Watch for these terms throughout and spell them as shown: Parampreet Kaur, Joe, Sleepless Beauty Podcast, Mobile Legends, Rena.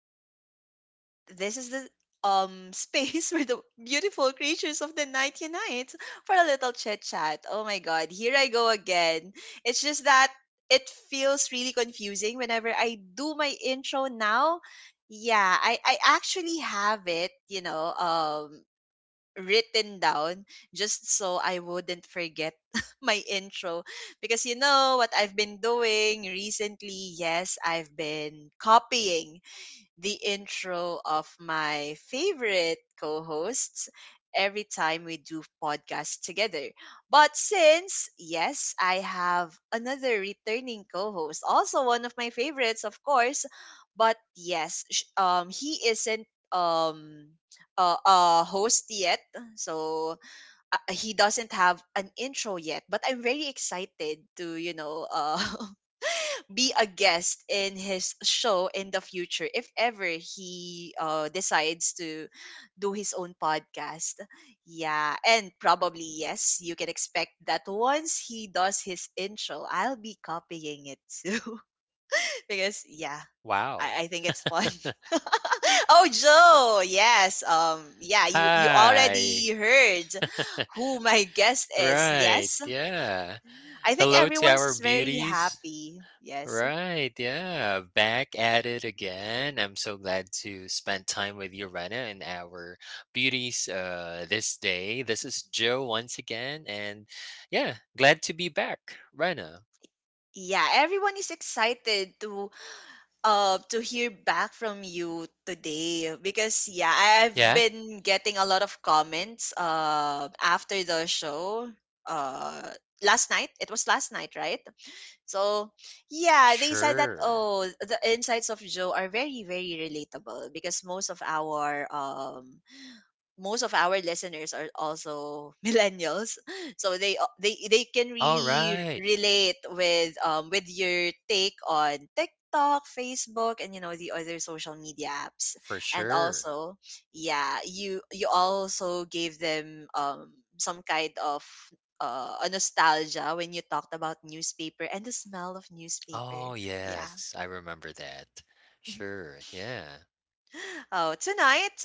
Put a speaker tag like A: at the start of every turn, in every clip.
A: Beauty Podcast. This is the space where the beautiful creatures of the night unite for a little chit chat. Oh my god, here I go again. It's just that it feels really confusing whenever I do my intro now. Yeah, I actually have it, written down just so I wouldn't forget my intro. Because you know what I've been doing recently? Yes, I've been copying the intro of my favorite co hosts every time we do podcasts together. But since, yes, I have another returning co host, also one of my favorites, of course, but yes, he isn't um a host yet so he doesn't have an intro yet, but I'm very excited to, you know, be a guest in his show in the future if ever he decides to do his own podcast. Yeah, and probably yes, you can expect that once he does his intro, I'll be copying it too because yeah,
B: Wow.
A: I think it's fun. Oh, Joe, yes, yeah, you
B: Hi.
A: already heard who my guest is.
B: Right.
A: Yes,
B: Yeah.
A: I think
B: Hello to
A: everyone's
B: our
A: is very
B: beauties.
A: happy. Yes.
B: Right. Yeah. Back at it again. I'm so glad to spend time with you, Rena, and our beauties this day. This is Joe once again. And yeah, glad to be back, Rena.
A: Yeah, everyone is excited to hear back from you today because yeah, I've
B: Yeah.
A: been getting a lot of comments after the show. Uh Last night. It was last night, right? So, yeah, they said that
B: Sure.
A: oh, the insights of Joe are very very relatable because most of our listeners are also millennials, so they they can
B: All
A: really
B: right.
A: relate with your take on TikTok, Facebook, and you know, the other social media apps.
B: For
A: And
B: sure.
A: also yeah, you also gave them some kind of a nostalgia when you talked about newspaper and the smell of newspaper,
B: Oh,
A: yeah.
B: yes. I remember that. Sure. Yeah.
A: Oh tonight,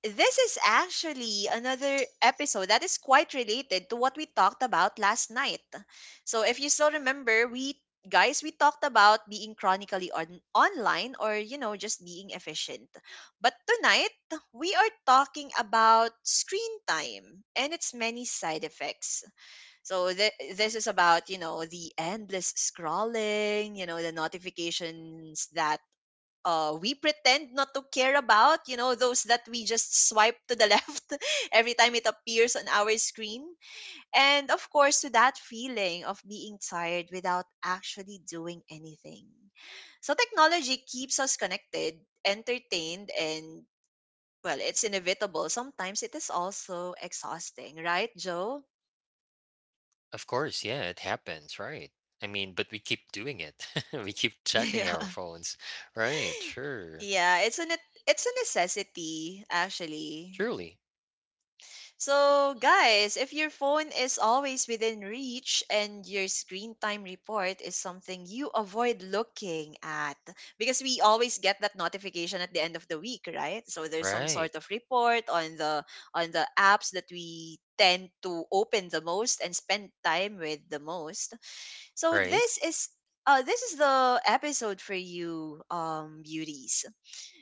A: this is actually another episode that is quite related to what we talked about last night. So if you still remember, we talked about being chronically on online, or you know, just being efficient. But tonight, we are talking about screen time and its many side effects. So this is about, you know, the endless scrolling, you know, the notifications that we pretend not to care about, you know, those that we just swipe to the left every time it appears on our screen. And of course, to that feeling of being tired without actually doing anything. So, technology keeps us connected, entertained, and well, it's inevitable. Sometimes it is also exhausting, right, Joe?
B: Of course, yeah, it happens, right? I mean, but we keep doing it. We keep checking our
A: Yeah.
B: phones. Right, sure.
A: Yeah, it's an it's a necessity actually.
B: Truly.
A: So, guys, if your phone is always within reach and your screen time report is something you avoid looking at, because we always get that notification at the end of the week, right? So there's some
B: Right.
A: sort of report on the apps that we tend to open the most and spend time with the most. So
B: Right.
A: this is the episode for you, beauties.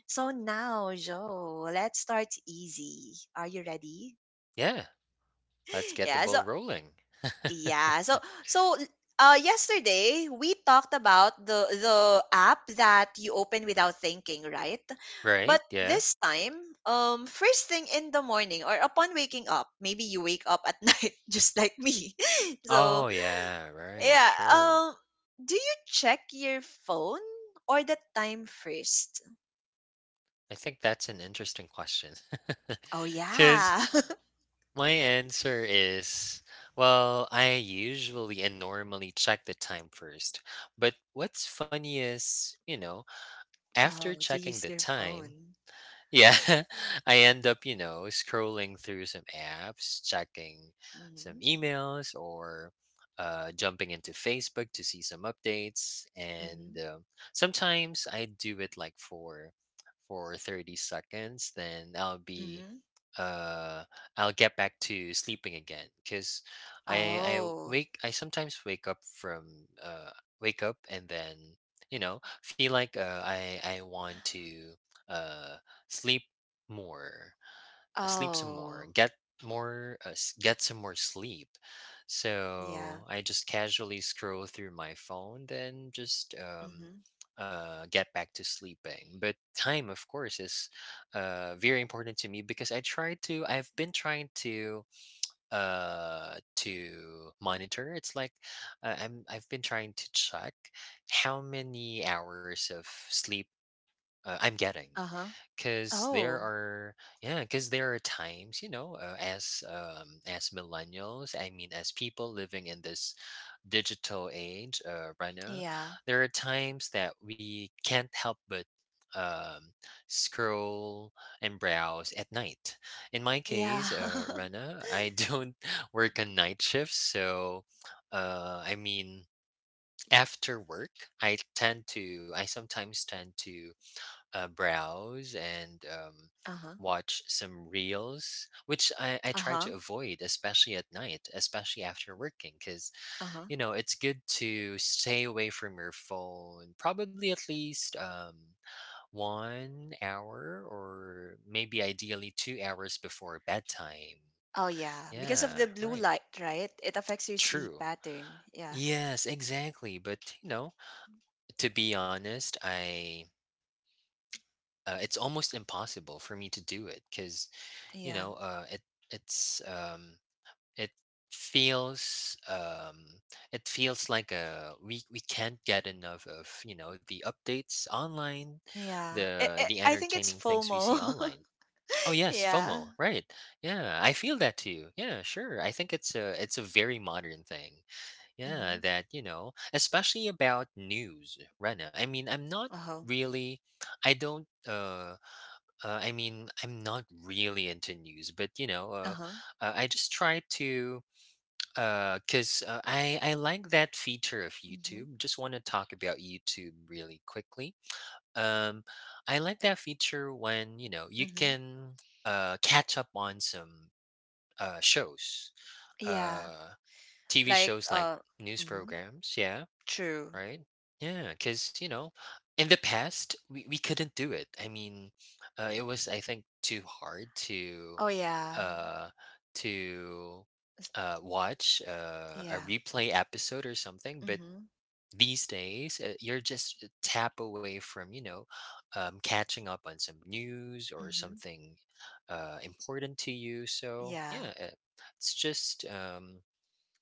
A: So now, Joe, let's start easy. Are you ready?
B: Yeah. Let's get the
A: yeah so
B: ball rolling.
A: yeah so so yesterday we talked about the app that you open without thinking, right? But
B: Right? Yeah.
A: this time, first thing in the morning or upon waking up, maybe you wake up at night just like me, so
B: Oh, yeah, right.
A: yeah,
B: Sure.
A: do you check your phone or the time first?
B: I think that's an interesting question.
A: Oh
B: Because
A: yeah.
B: my answer is, well, I usually and normally check the time first. But what's funny is, you know, after
A: Oh, you
B: checking
A: use
B: the
A: your
B: time,
A: phone.
B: yeah, I end up, you know, scrolling through some apps, checking some
A: Mm-hmm,
B: emails, or jumping into Facebook to see some updates. And
A: mm-hmm,
B: sometimes I do it like for 30 seconds, then I'll be
A: mm-hmm.
B: uh I'll get back to sleeping again because I I
A: Oh.
B: wake I sometimes wake up from wake up and then you know feel like I want to. Uh, Sleep more sleep some more
A: Oh,
B: get more get some more sleep
A: yeah.
B: so I just casually scroll through my phone then just
A: Mhm.
B: get back to sleeping but time of course is very important to me because I've been trying to monitor it's like I've been trying to check how many hours of sleep I'm getting
A: Uh-huh.
B: because there
A: Oh,
B: are, yeah, because there are times, you know, as millennials, I mean, as people living in this digital age, Rana,
A: yeah.
B: there are times that we can't help but um, scroll and browse at night. In my
A: Yeah.
B: case, Rana, I don't work on night shifts, so I mean, after work, I sometimes tend to browse and
A: Uh-huh.
B: watch some reels, which I try
A: Uh-huh.
B: to avoid, especially at night, especially after working, because,
A: Uh-huh.
B: you know, it's good to stay away from your phone probably at least 1 hour or maybe ideally 2 hours before bedtime.
A: Oh, yeah. Because of
B: Yeah,
A: the blue
B: right.
A: light, right? It affects your sleep
B: True.
A: pattern. Yeah.
B: Yes, exactly. But, you know, to be honest, I it's almost impossible for me to do it because you
A: Yeah.
B: know uh, it it's um, it feels it feels like we can't get enough of you know the updates online,
A: Yeah.
B: the
A: I think it's
B: entertaining things we see
A: FOMO.
B: online. Oh yes,
A: Yeah.
B: FOMO, right? Yeah, I feel that too. Yeah, sure. I think it's a very modern thing, yeah,
A: Mhm.
B: that you know, especially about news, right? I mean, I'm not
A: Uh-huh.
B: really, i don't uh I mean, I'm not really into news, but you know,
A: Uh-huh.
B: I just try to, because I like that feature of
A: Mhm.
B: YouTube. Just want to talk about YouTube really quickly. Um, I like that feature when you know you
A: Mhm.
B: can catch up on some uh, shows,
A: Yeah.
B: uh, TV
A: Like
B: shows like
A: uh
B: news
A: mhm.
B: programs. Yeah,
A: True.
B: right? Yeah, because you know, in the past we couldn't do it. I mean, it was I think too hard to
A: Oh, yeah.
B: uh to
A: S-
B: watch a
A: Yeah.
B: replay episode or something. But
A: Mhm.
B: these days you're just a tap away from you know catching up on some news or
A: Mhm.
B: something important to you. So yeah,
A: Yeah.
B: it's just um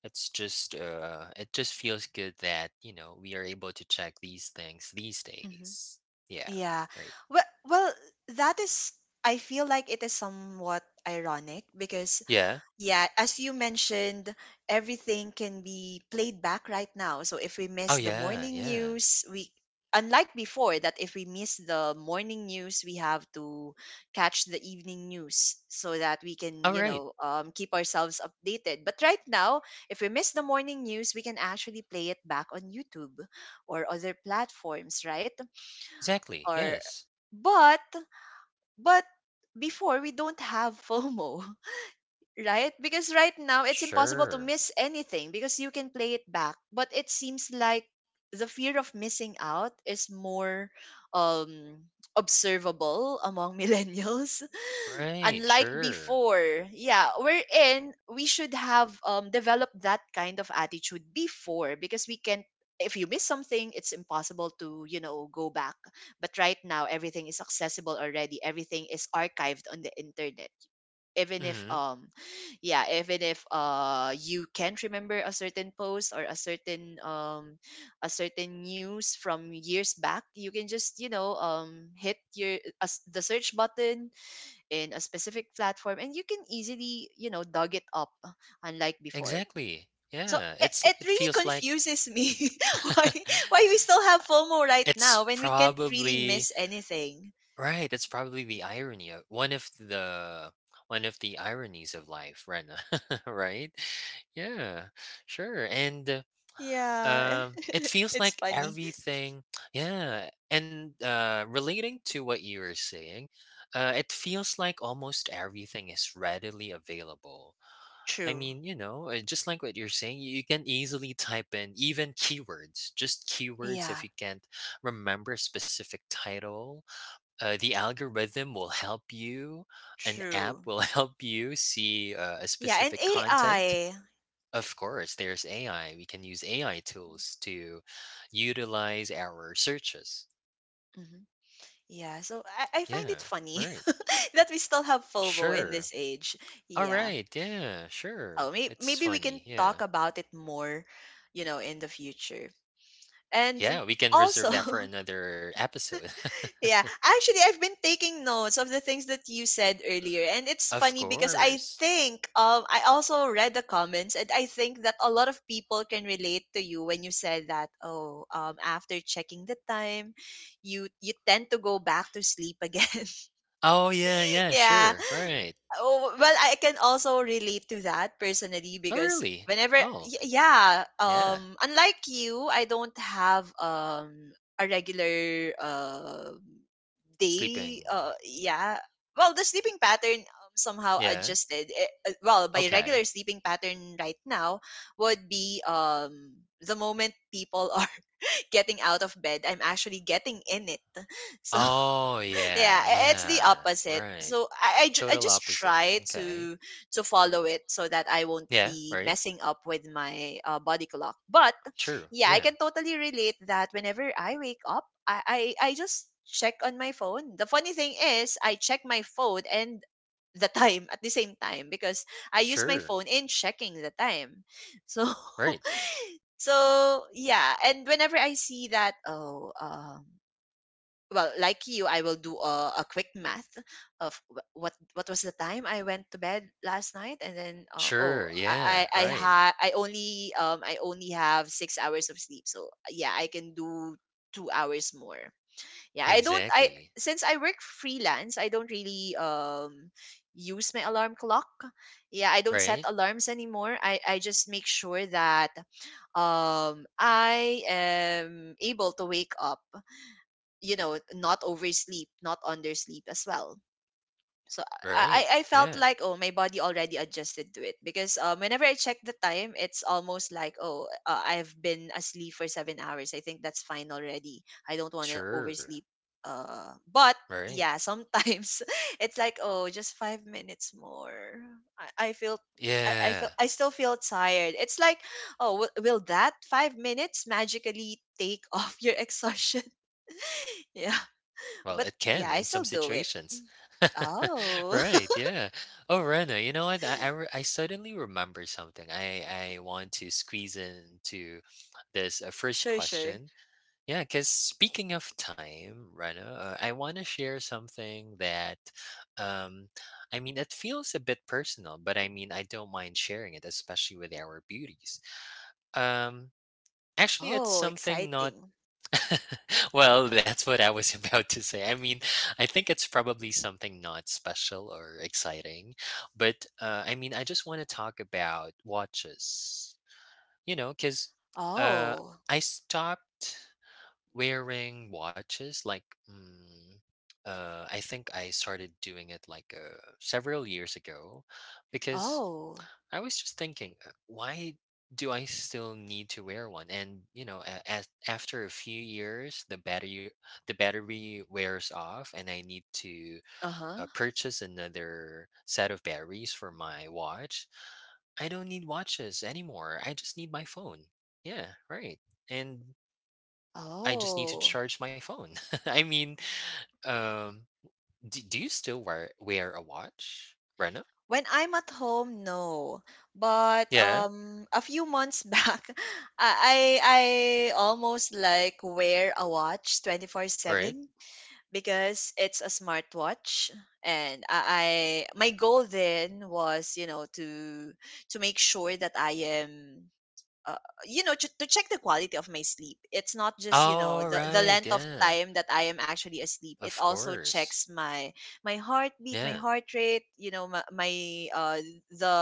B: it just feels good that, you know, we are able to check these things these
A: Mhm.
B: days. Yeah,
A: Yeah.
B: right.
A: Well, that is, I feel like it is somewhat ironic because,
B: Yeah.
A: yeah, as you mentioned, everything can be played back right now. So if we
B: Oh
A: miss the
B: yeah,
A: morning
B: yeah.
A: news, we, unlike before, that if we miss the morning news, we have to catch the evening news so that we can,
B: All
A: you
B: right.
A: know, keep ourselves updated. But right now, if we miss the morning news, we can actually play it back on YouTube or other platforms, right?
B: Exactly.
A: or
B: Yes.
A: but but before we don't have FOMO, right? Because right now it's impossible to
B: Sure.
A: miss anything because you can play it back. But it seems like the fear of missing out is more um observable among millennials,
B: Right,
A: unlike
B: sure.
A: before. Yeah, we should have developed that kind of attitude before, because we can, if you miss something, it's impossible to, you know, go back. But right now everything is accessible already, everything is archived on the internet, even if
B: Mhm.
A: yeah, even if you can't remember a certain post or a certain news from years back, you can just, you know, hit your the search button in a specific platform, and you can easily, you know, dug it up, unlike before.
B: Exactly.
A: So
B: Yeah.
A: it, it
B: It
A: really
B: feels like
A: confuses me why why we still have FOMO right
B: it's
A: now when we can't really
B: probably,
A: miss anything.
B: right, it's probably the irony of one of the ironies of life, Rena. Right? Yeah, sure. And
A: Yeah,
B: It feels
A: it's
B: like
A: funny.
B: everything yeah, and, relating to what you were saying, it feels like almost everything is readily available. I
A: True.
B: mean, you know, just like what you're saying, you can easily type in even keywords, just keywords
A: Yeah,
B: if you can't remember a specific title. The algorithm will help you, an app
A: true.
B: will help you see, a
A: Yeah, and
B: specific content.
A: AI.
B: Of course, there's AI. We can use AI tools to utilize our searches.
A: Mhm. Yeah, so I find it
B: Yeah,
A: funny
B: right.
A: that we still have FOMO in this
B: Sure.
A: age.
B: All
A: Yeah.
B: right. Yeah,
A: Oh,
B: sure. It's
A: maybe we can
B: funny. Yeah.
A: talk about it more, you know, in the future. And
B: Yeah, we can
A: also,
B: reserve that for another episode.
A: yeah, actually, I've been taking notes of the things that you said earlier, and it's
B: Of
A: funny because I
B: course.
A: think I also read the comments, and I think that a lot of people can relate to you when you said that. Oh, after checking the time, you tend to go back to sleep again.
B: Oh, yeah, yeah,
A: Yeah,
B: sure. Right.
A: oh, well, I can also relate to that personally
B: Oh,
A: because
B: really?
A: whenever,
B: Oh,
A: yeah,
B: yeah.
A: unlike you, I don't have a regular day.
B: Sleeping.
A: Yeah. Well, the sleeping pattern somehow
B: Yeah.
A: adjusted. Eh, well, my
B: Okay.
A: regular sleeping pattern right now would be the moment people are getting out of bed, I'm actually getting in it. So
B: Oh, yeah,
A: yeah, it's the
B: yeah.
A: opposite,
B: Right.
A: so I
B: Total
A: just
B: opposite.
A: try
B: Okay.
A: to follow it so that I won't
B: Yeah,
A: be
B: right.
A: messing up with my body clock. But
B: Sure.
A: yeah, I
B: Yeah.
A: can totally relate that whenever I wake up, I just check on my phone. The funny thing is I check my phone and the time at the same time because I use my
B: Sure.
A: phone in checking the time, so
B: Right.
A: so yeah, and whenever I see that oh um, well like you, I will do a quick math of what was the time I went to bed last night, and then oh,
B: Sure.
A: i
B: Yeah.
A: i i
B: Right.
A: ha- i only um i only have 6 hours of sleep, so yeah, I can do 2 hours more. Yeah, I don't I
B: Exactly.
A: since I work freelance, I don't really use my alarm clock. Yeah, I don't set
B: Right.
A: alarms anymore, I just make sure that I am able to wake up, you know, not oversleep, not undersleep as well. So i
B: Right.
A: i I felt
B: Yeah.
A: like oh, my body already adjusted to it because whenever I check the time it's almost like, oh I've been asleep for 7 hours, I think that's fine already. I don't want to
B: Sure.
A: oversleep, but
B: Right.
A: yeah, sometimes it's like oh, just 5 minutes more. i, I feel I, I
B: Yeah.
A: feel I still feel tired. It's like, oh, will that 5 minutes magically take off your exhaustion? Yeah.
B: Well,
A: But
B: it can
A: yeah,
B: in
A: I
B: some
A: still do it.
B: situations.
A: Oh.
B: Right. Yeah. Oh, Rena, you know what? I suddenly remember something. I want to squeeze into this first
A: Sure, sure.
B: question. Yeah, because speaking of time, Rana, I want to share something that, um, I mean, it feels a bit personal, but I mean, I don't mind sharing it, especially with our beauties. Um, Actually, it's
A: Oh,
B: something not.
A: exciting.
B: Well, that's what I was about to say. I mean, I think it's probably something not special or exciting, but I mean, I just want to talk about watches. You know, because uh,
A: Oh.
B: I stopped wearing watches, like, mm, I think I started doing it like several years ago because
A: Oh.
B: I was just thinking, why do I still need to wear one? And you know, as after a few years, the battery, wears off, and I need to
A: Uh-huh.
B: purchase another set of batteries for my watch. I don't need watches anymore. I just need my phone. Yeah, right. And I just need to
A: Oh.
B: charge my phone. I mean, um, do, do you still wear a watch, Rena?
A: When I'm at home, no. But
B: Yeah,
A: a few months back, I almost like wear a watch
B: right.
A: 24/7 because it's a smartwatch, and I my goal then was, you know, to make sure that I am uh, you know, to check the quality of my sleep. It's not just you know
B: All
A: the
B: right,
A: length of
B: yeah,
A: time that I am actually asleep. It
B: of
A: also
B: course.
A: checks my my heartbeat,
B: Yeah,
A: my heart rate. You know, my uh the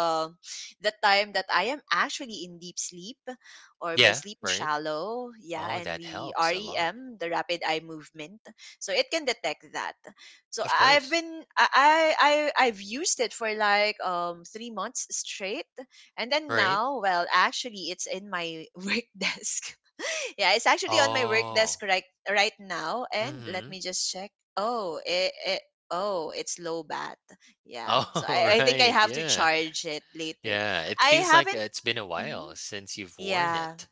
A: the time that I am actually in deep sleep, or my
B: yeah,
A: sleep is
B: right.
A: shallow. Yeah,
B: Oh,
A: and
B: that
A: the
B: helps a lot.
A: REM, the rapid eye movement. So it can detect that. So
B: Of
A: I've
B: course,
A: been I- I've used it for like 3 months straight, and then
B: right.
A: now, well, actually, it's in my work desk. Yeah, it's actually on my work
B: Oh,
A: desk right now. And
B: mm-hmm.
A: let me just check. Oh, it oh, it's low bat. Yeah, so
B: Oh,
A: I think I
B: right.
A: have to
B: Yeah,
A: charge it later.
B: yeah. It
A: I
B: feels like
A: haven't.
B: it's been a while
A: Mhm.
B: since you've worn
A: Yeah,
B: it.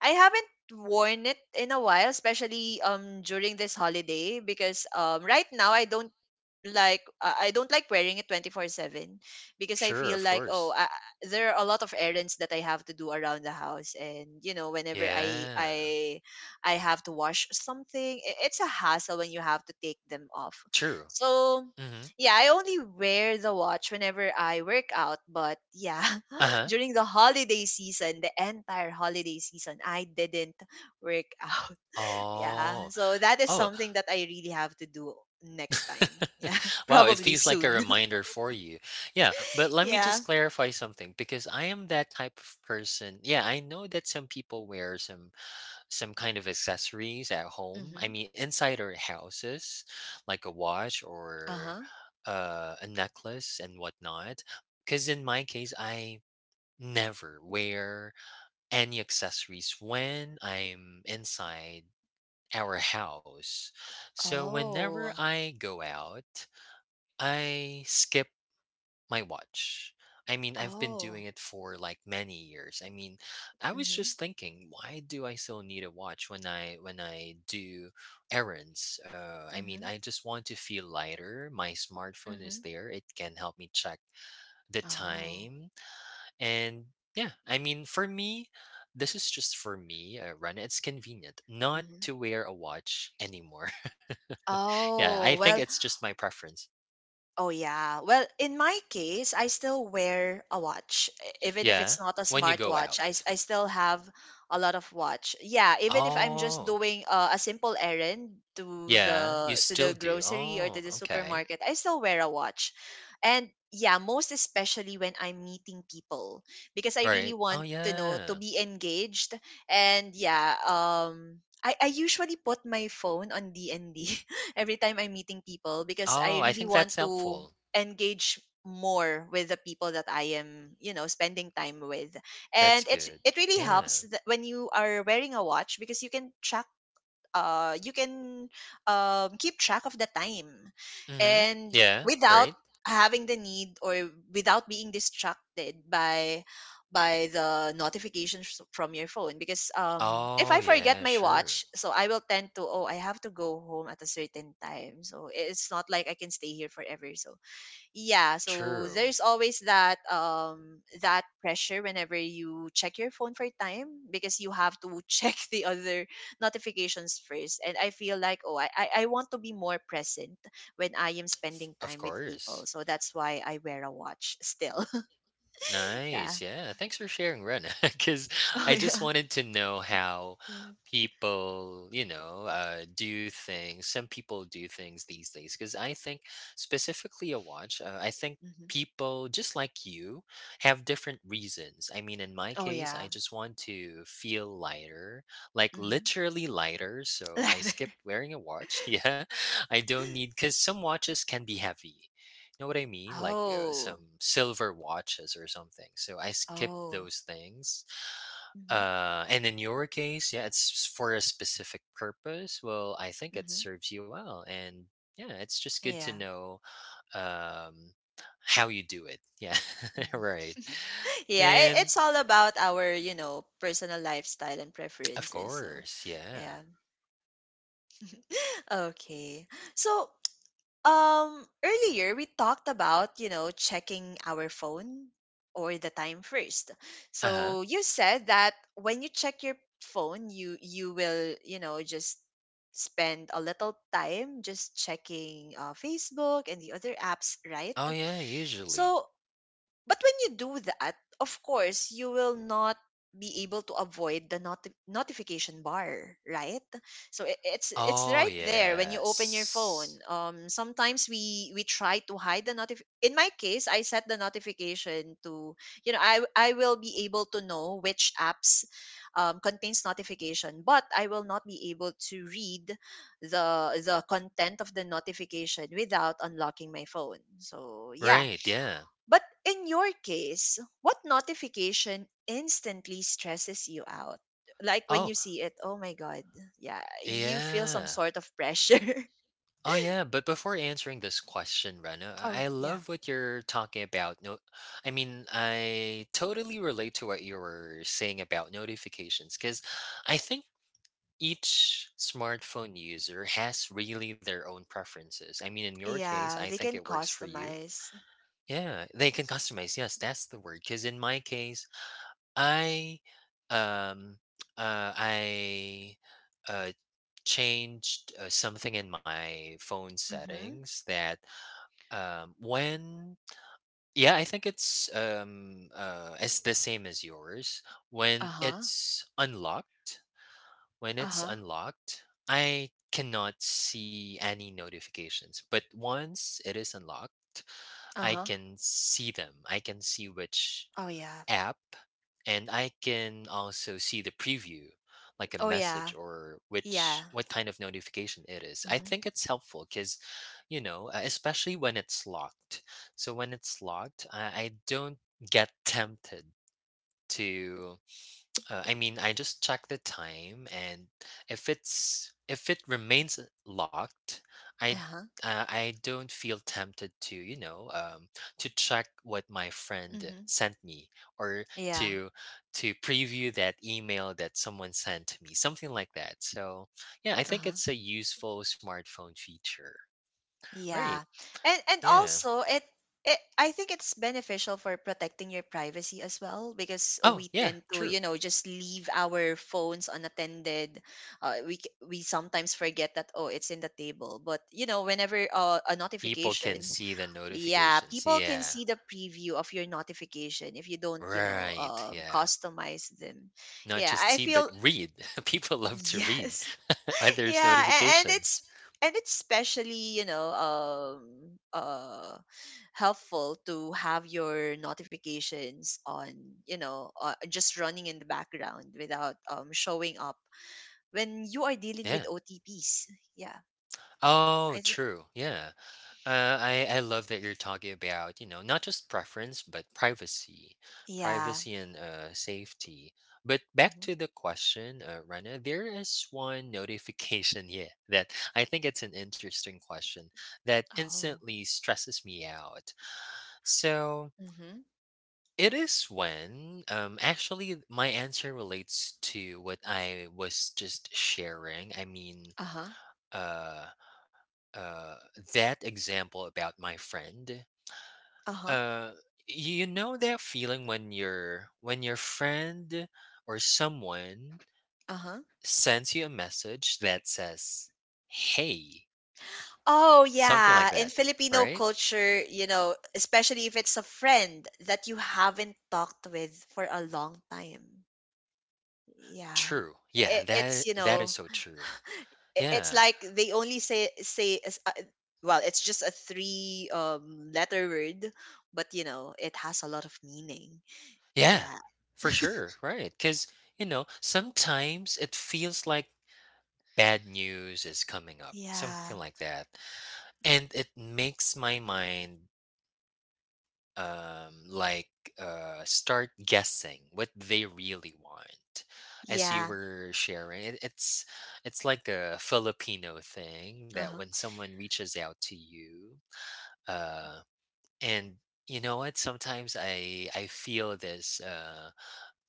A: I haven't worn it in a while, especially during this holiday because right now I don't like wearing it 24/7 because I
B: Sure,
A: feel
B: of
A: like
B: course.
A: there are a lot of errands that I have to do around the house, and you know whenever I
B: Yeah,
A: I I have to wash something, it's a hassle when you have to take them off.
B: true.
A: So
B: Mm-hmm.
A: yeah, I only wear the watch whenever I work out, but yeah,
B: Uh-huh.
A: during the holiday season, the entire holiday season, I didn't work out. Yeah.
B: Oh,
A: So that is
B: oh.
A: something that I really have to do next time. Yeah.
B: Wow, it
A: Probably
B: feels like a
A: soon.
B: reminder for you. Yeah, but let me just
A: Yeah.
B: clarify something because I am that type of person. Yeah, I know that some people wear some kind of accessories at home. I
A: Mm-hmm.
B: mean, inside our houses, like a watch or
A: Uh-huh.
B: a necklace and whatnot. Because in my case, I never wear any accessories when I'm inside our house. So whenever
A: Oh.
B: I go out, I skip my watch. I mean, I've been doing
A: Oh.
B: it for like many years. I mean, I was
A: Mm-hmm.
B: just thinking, why do I still need a watch when I do errands? I mean,
A: Mm-hmm.
B: I just want to feel lighter. My smartphone is
A: Mm-hmm.
B: there; it can help me check the
A: Oh.
B: time. And yeah, I mean, for me, this is just for me. Run. It's convenient not
A: Mm-hmm.
B: to wear a watch anymore. Yeah, I
A: Oh.
B: think
A: Well,
B: it's just my preference.
A: oh yeah. Well, in my case, I still wear a watch. Even if it's
B: Yeah,
A: not a
B: when you go
A: smartwatch,
B: out.
A: I still have a lot of watch. Yeah, even if I'm just
B: Oh,
A: doing a simple errand
B: yeah, you
A: to
B: still
A: the
B: do.
A: grocery or
B: Oh,
A: to the
B: okay.
A: supermarket, I still wear a watch. And yeah, most especially when I'm meeting people because I really
B: Right. Oh,
A: want to know to
B: yeah.
A: be engaged. And yeah, I usually put my phone on DND. Every time I'm meeting people because I
B: Oh, I
A: really
B: think
A: want
B: that's
A: to
B: helpful.
A: engage more with the people that I am, you know, spending time with. And
B: That's
A: it
B: good.
A: it really
B: Yeah.
A: helps that when you are wearing a watch because you can track you can keep track of the time,
B: Mm-hmm.
A: and
B: Yeah,
A: without
B: right.
A: having the need or without being distracted by the notifications from your phone. Because if
B: Oh,
A: I forget
B: yeah,
A: my
B: sure.
A: watch, so I will tend to, oh, I have to go home at a certain time, so it's not like I can stay here forever. So yeah, so
B: True.
A: there's always that that pressure whenever you check your phone for time, because you have to check the other notifications first, and I feel like, oh, I want to be more present when I am spending
B: Of
A: time with
B: course.
A: people. So that's why I wear a watch still. Yeah.
B: Nice. Yeah. Thanks for sharing, Ren. Because
A: Oh
B: I just
A: yeah.
B: wanted to know how
A: Mm-hmm.
B: people, you know, do things. Some people do things these days. Because I think, specifically, a watch, I think
A: Mm-hmm.
B: people, just like you, have different reasons. I mean, in my
A: Oh
B: case, I
A: yeah.
B: just want to feel lighter, like
A: Mm-hmm.
B: literally lighter. So I skipped wearing a watch. Yeah. I don't need, because some watches can be heavy, know what I mean? Like
A: Oh.
B: some silver watches or something. So I skip
A: Oh.
B: those things.
A: Mm-hmm.
B: And in your case, yeah, it's for a specific purpose. Well, I think it
A: Mm-hmm.
B: serves you well, and yeah, it's just good to
A: Yeah.
B: know um, how you do it. Yeah, right.
A: Mm-hmm. Yeah,
B: And
A: it's all about our, you know, personal lifestyle and
B: of
A: preferences. So,
B: course, yeah.
A: yeah. Okay. So, earlier we talked about, you know, checking our phone or the time first.
B: Uh huh.
A: So, you said that when you check your phone, you will, you know, just spend a little time just checking Facebook and the other apps, right?
B: Oh yeah, usually.
A: So, but when you do that, of course, you will not be able to avoid the not notification bar, right? So it's
B: Oh
A: right there when you open your
B: yes.
A: phone. Sometimes we try to hide the notif. In my case, I set the notification to, you know, I will be able to know which apps contains notification, but I will not be able to read the the content of the notification without unlocking my phone. So yeah,
B: Right. Yeah.
A: but in your case, what notification instantly stresses you out? Like when
B: Oh
A: you see it, oh my god, yeah, you feel some
B: yeah.
A: sort of pressure.
B: Oh yeah, but before answering this question, Rena,
A: Oh,
B: I
A: yeah.
B: love what you're talking about. No, I mean I totally relate to what you were saying about notifications because I think each smartphone user has really their own preferences. I mean, in your case, I
A: Yeah, they
B: think
A: can
B: it works for you.
A: customize.
B: Yeah, they can customize. Yes, that's the word. Because in my case, I, um, uh, I, uh, changed something in my phone
A: Mm-hmm.
B: settings that when yeah, I think it's the same as yours. When
A: Uh-huh.
B: it's unlocked, when it's
A: Uh-huh.
B: unlocked, I cannot see any notifications. But once it is unlocked, I
A: Uh-huh.
B: can see them. I can see which
A: Oh yeah.
B: app, and I can also see the preview, like a
A: Oh
B: message
A: yeah.
B: or
A: Yeah.
B: which what kind of notification it is. I think
A: Mm-hmm.
B: it's helpful cuz you know, especially when it's locked. So when it's locked, I don't get tempted to I mean, I just check the time, and if it remains locked, I
A: Uh-huh.
B: I don't feel tempted to to check what my friend
A: Mm-hmm.
B: sent me or
A: Yeah.
B: to to preview that email that someone sent to me, something like that. So yeah, I think
A: Uh-huh.
B: it's a useful smartphone feature, right?
A: Yeah. And
B: Yeah.
A: also it, I think it's beneficial for protecting your privacy as well, because
B: Oh
A: we
B: yeah,
A: tend to,
B: true.
A: you know, just leave our phones unattended. We sometimes forget that, oh, it's in the table. But, you know, whenever a
B: People can
A: notification,
B: see the
A: yeah,
B: notifications.
A: people can
B: Yeah.
A: see the preview of your notification if you don't, you know,
B: Right. Yeah.
A: customize them.
B: Not
A: Yeah,
B: just
A: I
B: see, but
A: feel
B: read. People love to read
A: yes
B: others'
A: yeah and
B: notifications.
A: it's and it's especially, you know, helpful to have your notifications on, you know, just running in the background without showing up when you are dealing with
B: Yeah.
A: OTPs. Yeah,
B: Oh,
A: I think
B: true. Yeah. I love that you're talking about, you know, not just preference, but privacy,
A: yeah.
B: privacy and safety. But back
A: Mhm.
B: to the question, Rana, there is one notification here that I think it's an interesting question that
A: Oh.
B: instantly stresses me out. So
A: Hmm.
B: It is when, actually, my answer relates to what I was just sharing. I mean,
A: Uh-huh.
B: uh, uh, that example about my friend.
A: Uh-huh.
B: Uh, you know that feeling when your friend or someone
A: Uh-huh.
B: sends you a message that says, "Hey,"
A: Oh
B: something like
A: yeah,
B: that,
A: in Filipino
B: right?
A: culture, you know, especially if it's a friend that you haven't talked with for a long time. Yeah,
B: True. Yeah,
A: it's,
B: that
A: you
B: that is
A: know,
B: so true.
A: it's
B: Yeah.
A: like they only well, it's just a three letter word, but you know it has a lot of meaning.
B: Yeah,
A: Yeah.
B: for sure. Right. Because, you know, sometimes it feels like bad news is coming up, something
A: Yeah.
B: like that. And it makes my mind like start guessing what they really want as you
A: Yeah.
B: were sharing it's like a Filipino thing that when
A: Uh-huh.
B: someone reaches out to you uh and you know what sometimes I feel this uh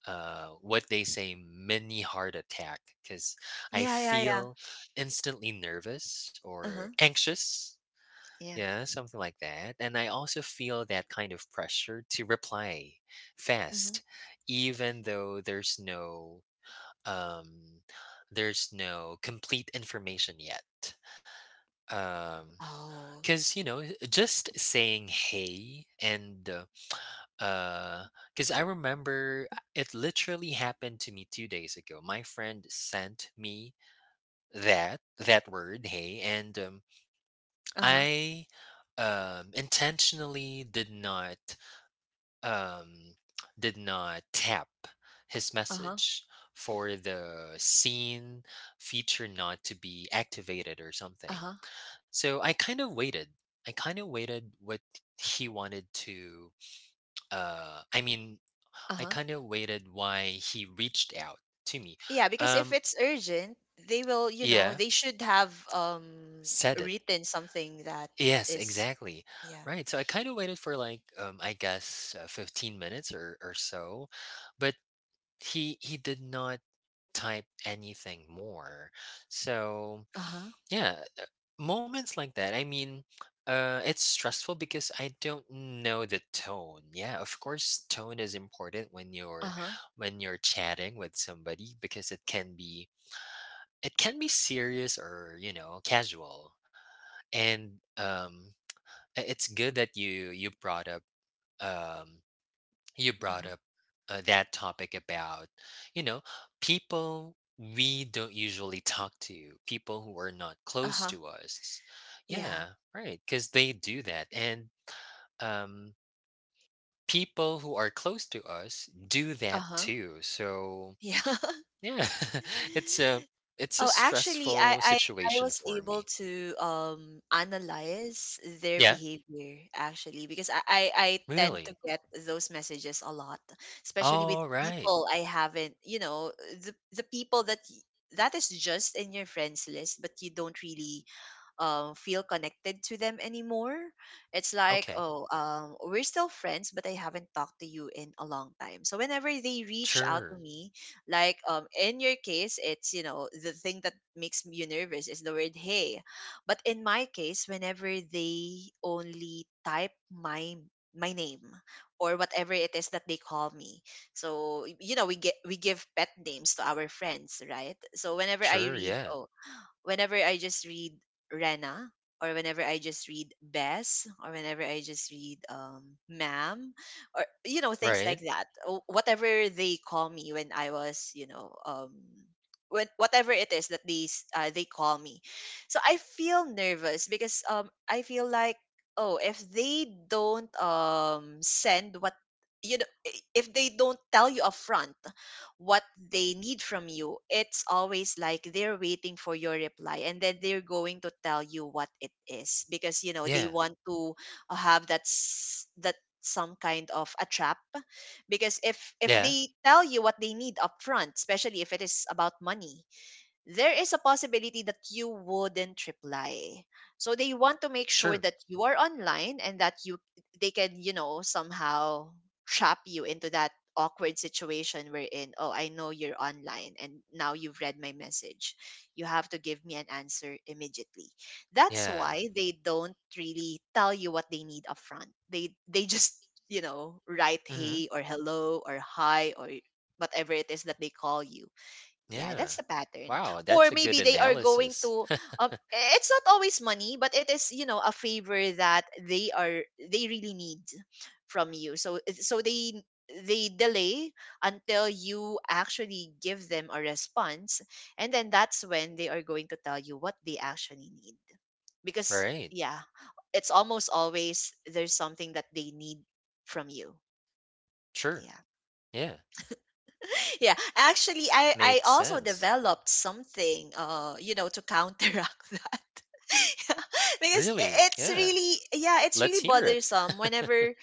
B: uh, what they say mini heart attack because I
A: Yeah, yeah, yeah.
B: feel instantly nervous
A: Uh-huh.
B: or anxious.
A: Yeah.
B: Yeah, something like that. And I also feel that kind of pressure to reply
A: Mm-hmm.
B: fast, even though um, there's no complete information yet. Um,
A: Oh.
B: because you know, just saying "hey" and uh, because I remember it literally happened to me 2 days ago. My friend sent me that word, hey, and
A: Uh-huh.
B: I intentionally did not um, did not tap his
A: Uh-huh.
B: message for the scene feature not to be activated or something.
A: Uh-huh.
B: So I kind of waited. I kind of waited what he wanted to I mean I
A: Uh-huh.
B: kind of waited why he reached out to me.
A: Yeah, because if
B: Um,
A: it's urgent, they will, you know,
B: yeah,
A: they should have
B: said it.
A: written something that
B: Yes,
A: is
B: exactly.
A: yeah.
B: Right. So I kind of waited for like I guess 15 minutes or so, but he did not type anything more. So
A: Uh-huh.
B: yeah, moments like that. I mean. It's stressful because I don't know the tone. Yeah, of course, tone is important when you're
A: Uh-huh.
B: when you're chatting with somebody because it can be serious or, you know, casual. And it's good that you brought up um you brought
A: Uh-huh.
B: up that topic about, you know, people we don't usually talk to, people who are not close
A: Uh-huh.
B: to us.
A: Yeah.
B: Yeah, right, cuz they do that. And um people who are close to us do that
A: Uh-huh.
B: too. So,
A: Yeah.
B: yeah, it's a it's a
A: Oh, actually,
B: stressful
A: I
B: situation
A: was
B: for
A: able
B: me.
A: to analyze their
B: Yeah.
A: behavior, actually, because I tend to
B: Really?
A: get those messages a lot, especially with
B: All right.
A: people I haven't, you know, the people that that is just in your friends list, but you don't really feel connected to them anymore. It's like,
B: Okay.
A: oh, we're still friends, but I haven't talked to you in a long time. So whenever they reach out to
B: Sure.
A: me, like in your case, it's, you know, the thing that makes you nervous is the word hey. But in my case, whenever they only type my name, or whatever it is that they call me. So you know, we give pet names to our friends, right? So whenever I
B: Sure,
A: read,
B: yeah.
A: oh, whenever I just read Rena, or whenever I just read Bess, or whenever I just read ma'am, or you know things like
B: Right?
A: that, whatever they call me when I was, you know, when whatever it is that they they call me. So I feel nervous because I feel like, oh, if they don't send what, you know, if they don't tell you upfront what they need from you, it's always like they're waiting for your reply, and then they're going to tell you what it is, because you know they
B: Yeah.
A: want to have that that some kind of a trap. Because if
B: Yeah.
A: they tell you what they need upfront, especially if it is about money, there is a possibility that you wouldn't reply. So they want to make sure
B: Sure.
A: that you are online and that you, they can, you know, somehow trap you into that awkward situation wherein, oh, I know you're online and now you've read my message. You have to give me an answer immediately. That's
B: Yeah.
A: why they don't really tell you what they need upfront. They just, you know, write
B: Mhm.
A: hey or hello or hi or whatever it is that they call you. Yeah,
B: Yeah.
A: that's the pattern.
B: Wow,
A: Or
B: that's a good
A: maybe they are going
B: analysis.
A: to it's not always money, but it is, you know, a favor that they really need from you. So eh, so they delay until you actually give them a response, and then that's when they are going to tell you what they actually need. Because
B: Right.
A: yeah, it's almost always there's something that they need from you.
B: Sure.
A: Yeah.
B: Yeah.
A: Yeah, actually, I
B: Makes
A: also
B: sense.
A: developed something, you know, to counteract that. Yeah, because
B: Really?
A: it's
B: Yeah.
A: really yeah it's really
B: Let's hear it.
A: bothersome whenever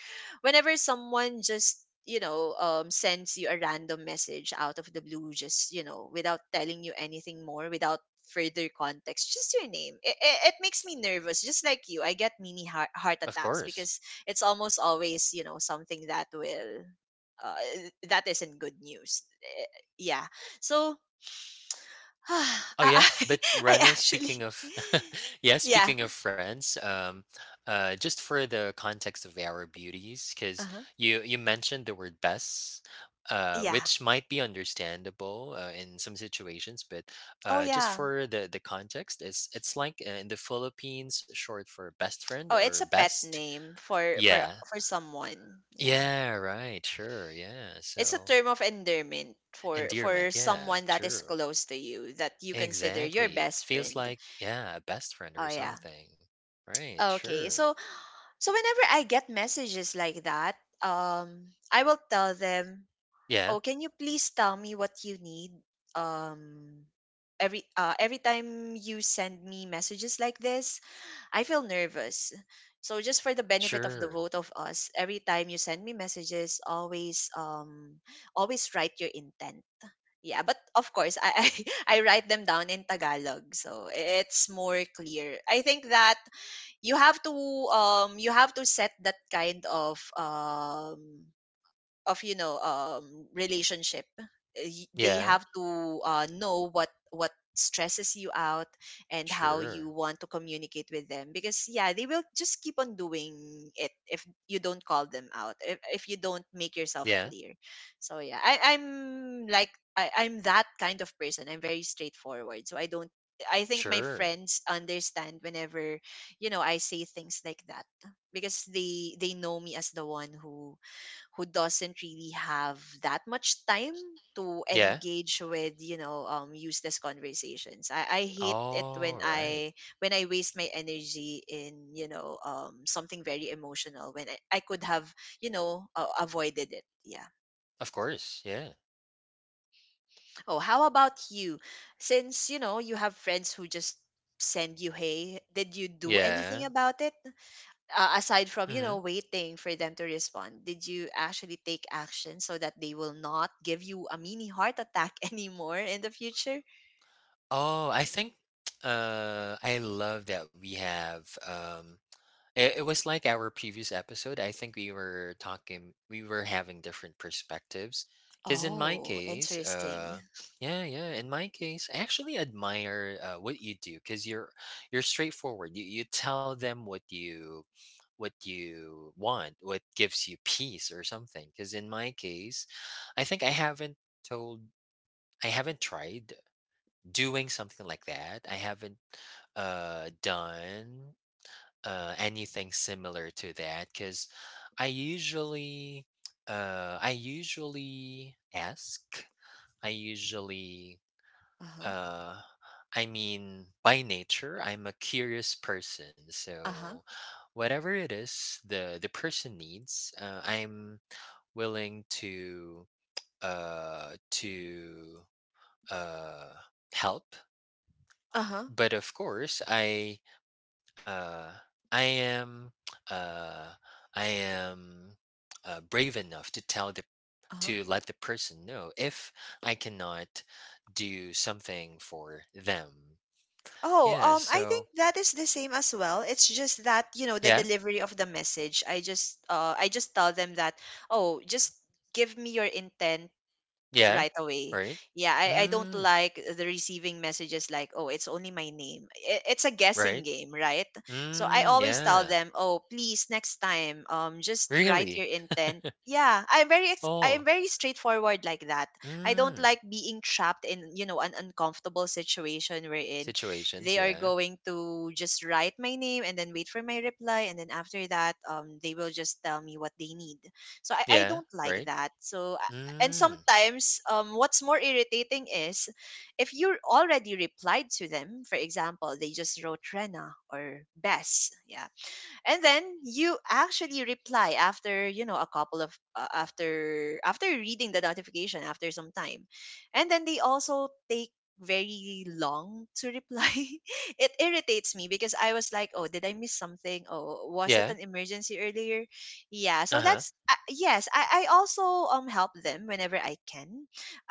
A: someone just, you know, sends you a random message out of the blue, just, you know, without telling you anything more, without further context, just your name. It makes me nervous. Just like you, I get mini heart
B: Of
A: attacks,
B: course.
A: because it's almost always, you know, something that will that isn't good news. Eh, yeah. So I,
B: Oh yeah,
A: I
B: but
A: I
B: Rana,
A: actually
B: speaking of yeah,
A: yeah.
B: speaking of friends, just for the context of our beauties, because
A: Uh-huh.
B: you mentioned the word best,
A: Yeah.
B: which might be understandable in some situations, but
A: Oh
B: just
A: yeah.
B: for the context, it's like in the Philippines, short for best friend
A: Oh,
B: or
A: it's a pet
B: best.
A: name for for
B: Yeah,
A: for someone. Yeah.
B: yeah, right, sure, yeah.
A: It's a
B: So
A: term of endearment for
B: endearment, yeah,
A: someone that is
B: true.
A: close to you that you consider your
B: Exactly.
A: best
B: Feels
A: friend.
B: like, yeah, a best friend or
A: Oh yeah.
B: something. Right,
A: Okay.
B: sure.
A: So so whenever I get messages like that, I will tell them,
B: Yeah,
A: oh, can you please tell me what you need? Um, every time you send me messages like this, I feel nervous. So just for the benefit of the
B: sure.
A: both of us, every time you send me messages, always always write your intent. Yeah, but of course, I I write them down in Tagalog, so it's more clear. I think that you have to you have to set that kind of relationship. They
B: Yeah,
A: have to know what stresses you out and how you
B: sure.
A: want to communicate with them, because yeah, they will just keep on doing it if you don't call them out, if you don't make yourself
B: Yeah,
A: clear. So yeah, I'm like I'm that kind of person, I'm very straightforward, so I don't, I think my
B: sure.
A: friends understand whenever I say things like that, because they know me as the one who doesn't really have that much time to
B: Yeah.
A: engage with useless conversations. I hate it
B: All
A: when
B: right.
A: I waste my energy in something very emotional, when I could have avoided it, yeah.
B: Of course. Yeah.
A: Oh, how about you? Since you know you have friends who just send you, hey, did you do
B: Yeah.
A: anything about it? Aside from
B: hmm
A: waiting for them to respond, did you actually take action so that they will not give you a mini heart attack anymore in the future?
B: Oh, I think I love that we have It was like our previous episode. I think we were talking, we were having different perspectives. Because in my
A: Oh,
B: case,
A: interesting.
B: yeah, yeah, in my case, I actually admire what you do because you're straightforward. You tell them what you want, what gives you peace or something. Because in my case, I think I haven't told, I haven't tried doing something like that. I haven't done anything similar to that because I usually I usually ask. I usually
A: uh-huh
B: uh, I mean by nature I'm a curious person. So
A: uh-huh
B: whatever it is the person needs, I'm willing to uh, help.
A: uh-huh
B: But of course, Uh, I am, uh, I am brave enough to tell the
A: uh-huh
B: to let the person know if I cannot do something for them.
A: Oh,
B: Yeah.
A: I think
B: So
A: that is the same as well. It's just that, you know, the
B: yeah,
A: delivery of the message. I just tell them that, oh, just give me your intent
B: yeah,
A: right away.
B: right.
A: Yeah, I don't
B: Mm,
A: like the receiving messages like, oh, it's only my name. It's a guessing
B: right.
A: game, right? So I
B: Mm,
A: always tell
B: yeah.
A: them, oh, please next time, just write
B: Really.
A: your intent. Yeah, I'm very I am
B: Oh.
A: very straightforward like that. I don't
B: Mm.
A: like being trapped in an uncomfortable situation wherein
B: Situations.
A: they are
B: Yeah.
A: going to just write my name and then wait for my reply, and then after that they will just tell me what they need. So I
B: Yeah.
A: don't like
B: Right.
A: that. So, and
B: Mm.
A: sometimes what's more irritating is if you already replied to them, for example they just wrote Rena or Bess, yeah, and then you actually reply after you know a couple of after reading the notification after some time, and then they also take very long to reply. It irritates me because I was like, oh, did I miss something? Oh, was it
B: Yeah.
A: an emergency earlier? Yeah, so
B: Uh huh.
A: that's yes, I also help them whenever I can.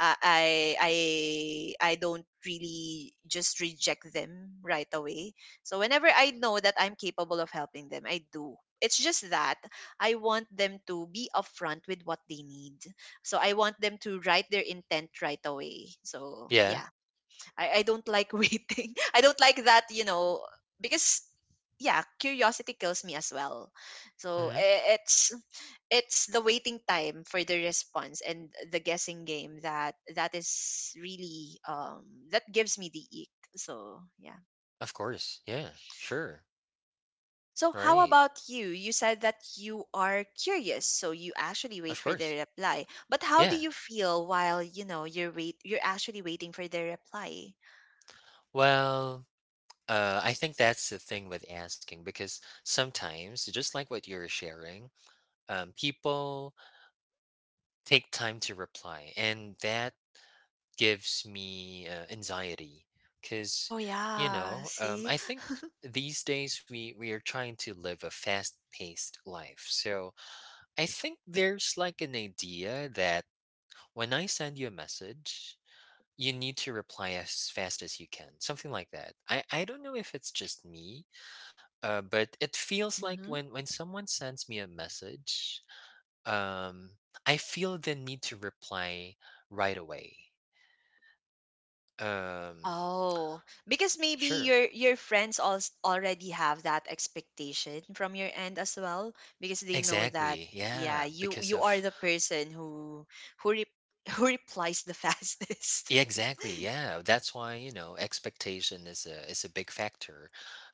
A: I I don't really just reject them right away, so whenever I know that I'm capable of helping them, I do. It's just that I want them to be upfront with what they need. So I want them to write their intent right away. So
B: Yeah.
A: yeah, I don't like waiting. I don't like that, you know, because yeah, curiosity kills me as well. So
B: Mm-hmm.
A: it's the waiting time for the response and the guessing game that that is really that gives me the ick. So yeah.
B: Of course. Yeah. Sure.
A: So how
B: Right.
A: about you? You said that you are curious, so you actually wait
B: Of
A: for
B: course.
A: their reply. But how do
B: Yeah.
A: you feel while, you know, you're wait you're actually waiting for their reply?
B: Well, I think that's the thing with asking because sometimes, just like what you're sharing, people take time to reply, and that gives me anxiety because,
A: Oh
B: you
A: yeah,
B: know,
A: see?
B: I think these days we are trying to live a fast-paced life. So I think there's like an idea that when I send you a message, you need to reply as fast as you can, something like that. I don't know if it's just me. But it feels like
A: Mm-hmm.
B: when someone sends me a message, um, I feel the need to reply right away. Um,
A: Oh, because maybe
B: sure.
A: your friends all already have that expectation from your end as well, because they know that
B: Exactly.
A: yeah,
B: Yeah,
A: you
B: because
A: you are
B: of
A: the person who who re- who replies the fastest.
B: yeah, exactly. Yeah, that's why, you know, expectation is a big factor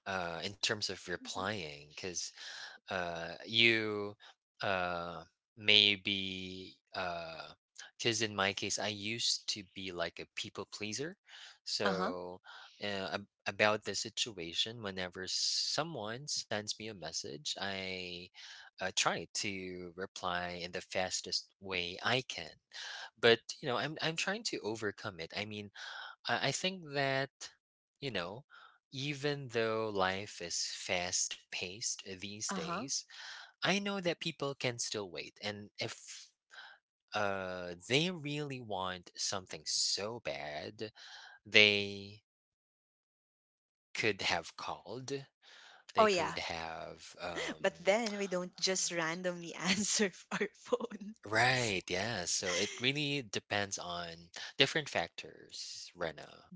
B: in terms of
A: Mhm.
B: replying because you uh, maybe because in my case I used to be like a people pleaser
A: Uh-huh.
B: so about the situation whenever someone sends me a message I try to reply in the fastest way I can but you know I'm trying to overcome it I mean I think that you know even though life is fast paced these
A: Uh-huh.
B: days I know that people can still wait, and if they really want something so bad, they could have called.
A: Oh
B: They could
A: yeah.
B: have
A: But
B: um
A: then we don't just randomly answer our phones.
B: Right, yeah. So it really depends on different factors, Rena.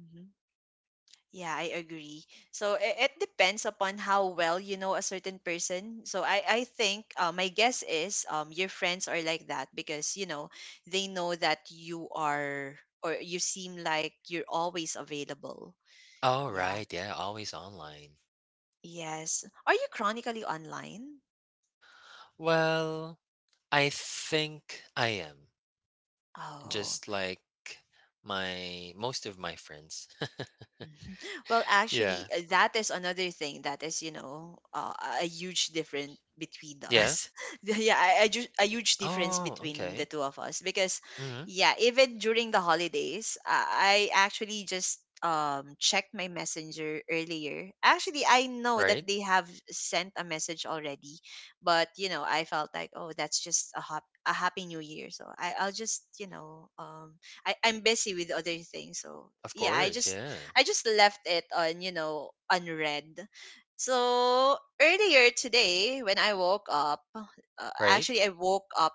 A: Yeah, I agree. So it depends upon how well you know a certain person. So I think my guess is your friends are like that because, you know, they know that you are or you seem like you're always available.
B: Oh
A: Yeah.
B: right, yeah, always online.
A: Yes. Are you chronically online?
B: Well, I think I am.
A: Oh.
B: Just like my most of my friends.
A: Well, actually,
B: Yeah.
A: that is another thing that is, you know, a huge difference between
B: Yeah.
A: us. Yeah, a huge difference
B: Oh,
A: between the
B: okay.
A: two of us because,
B: Mhm.
A: yeah, even during the holidays, I actually just checked my messenger earlier. Actually, I know that
B: Right?
A: they have sent a message already, but you know, I felt like, oh, that's just a hop. A happy new year. So I'll just, you know, I'm busy with other things. So
B: Of
A: yeah,
B: course, yeah.
A: I just left it on, you know, unread. So earlier today, when I woke up,
B: Right?
A: actually I woke up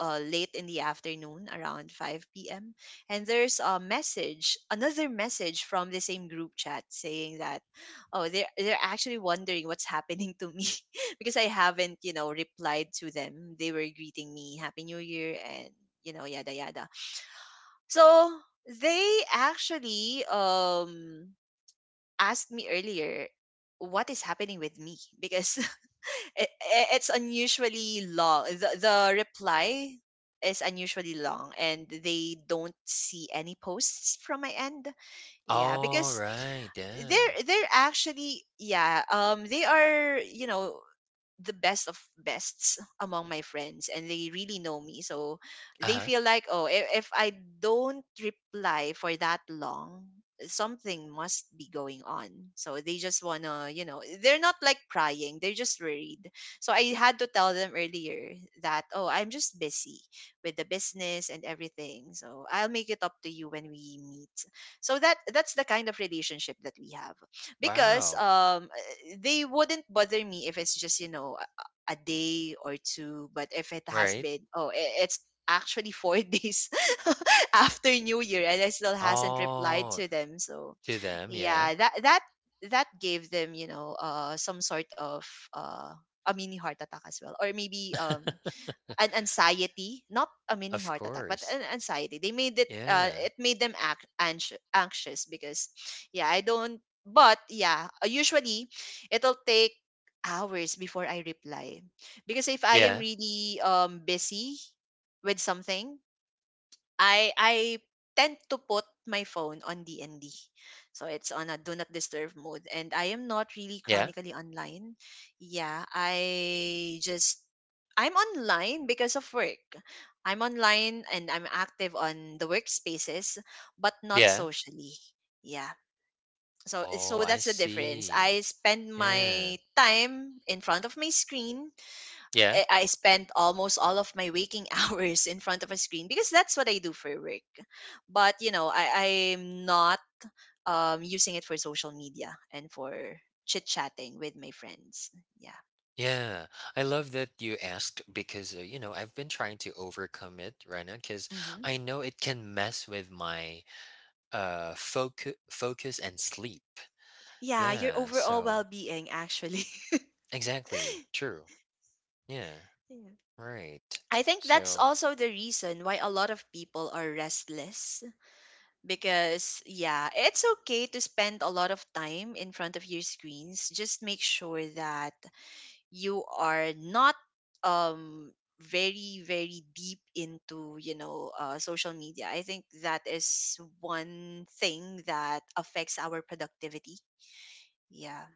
A: late in the afternoon, around 5 p.m. And there's a message, another message from the same group chat saying that, oh, they're actually wondering what's happening to me because I haven't, you know, replied to them. They were greeting me Happy New Year and you know yada yada. So they actually asked me earlier what is happening with me because it's unusually long, the reply is unusually long, and they don't see any posts from my end, yeah,
B: All
A: because
B: right. Yeah.
A: they're actually yeah they are, you know, the best of bests among my friends, and they really know me, so they
B: Uh-huh.
A: feel like, oh, if I don't reply for that long, something must be going on. So they just wanna, you know, they're not like prying, they're just worried. So I had to tell them earlier that, oh, I'm just busy with the business and everything, so I'll make it up to you when we meet. So that's the kind of relationship that we have, because
B: Wow.
A: they wouldn't bother me if it's just you know a day or two. But if it has
B: Right?
A: been, oh, it's actually four days after new year and I still hasn't replied
B: Oh,
A: to them, so
B: to them, yeah.
A: yeah, that that gave them, you know, some sort of uh a mini heart attack as well, or maybe an anxiety, not a mini
B: Of
A: heart attack, but
B: course.
A: an anxiety. They made it
B: Yeah.
A: it made them act anxious, anxious, because yeah, I don't, but yeah, usually it'll take hours before I reply. Because if I am
B: Yeah.
A: really busy with something, I tend to put my phone on DND. So it's on a do not disturb mode, and I am not really
B: Yeah.
A: chronically online. Yeah, I just I'm online because of work. I'm online and I'm active on the workspaces but not
B: Yeah.
A: socially. Yeah. So
B: Oh,
A: so
B: I
A: that's the difference. I
B: see.
A: spend
B: Yeah.
A: my time in front of my screen
B: Yeah.
A: I spent almost all of my waking hours in front of a screen because that's what I do for work. But you know, I'm not using it for social media and for chit chatting with my friends. Yeah.
B: Yeah. I love that you asked because, you know, I've been trying to overcome it, Rena, because
A: Hmm.
B: I know it can mess with my focus and sleep.
A: Yeah, your
B: Yeah,
A: overall well
B: so
A: being, actually.
B: exactly. True. Yeah,
A: Yeah.
B: right.
A: I think that's
B: So,
A: also the reason why a lot of people are restless, because yeah, it's okay to spend a lot of time in front of your screens. Just make sure that you are not um very very deep into you know social media. I think that is one thing that affects our productivity, yeah.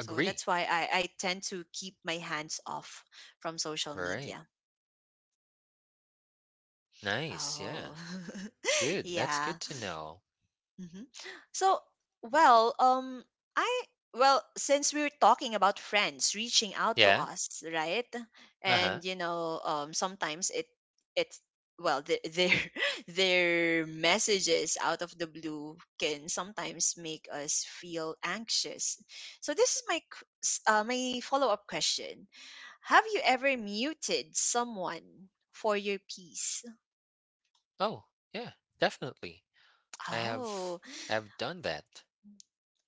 A: So that's why I tend to keep my hands off from social
B: Right.
A: media.
B: Nice. Yeah.
A: Oh.
B: Good. That's
A: Yeah.
B: good to know.
A: Mhm. So, well, I, well, since we were talking about friends reaching out to
B: Yeah.
A: us, right?
B: Uh-huh.
A: And you know, sometimes it it's well, their their messages out of the blue can sometimes make us feel anxious. So this is my my follow up question: Have you ever muted someone for your peace?
B: Oh, yeah. Definitely. I have
A: Oh,
B: I've done that.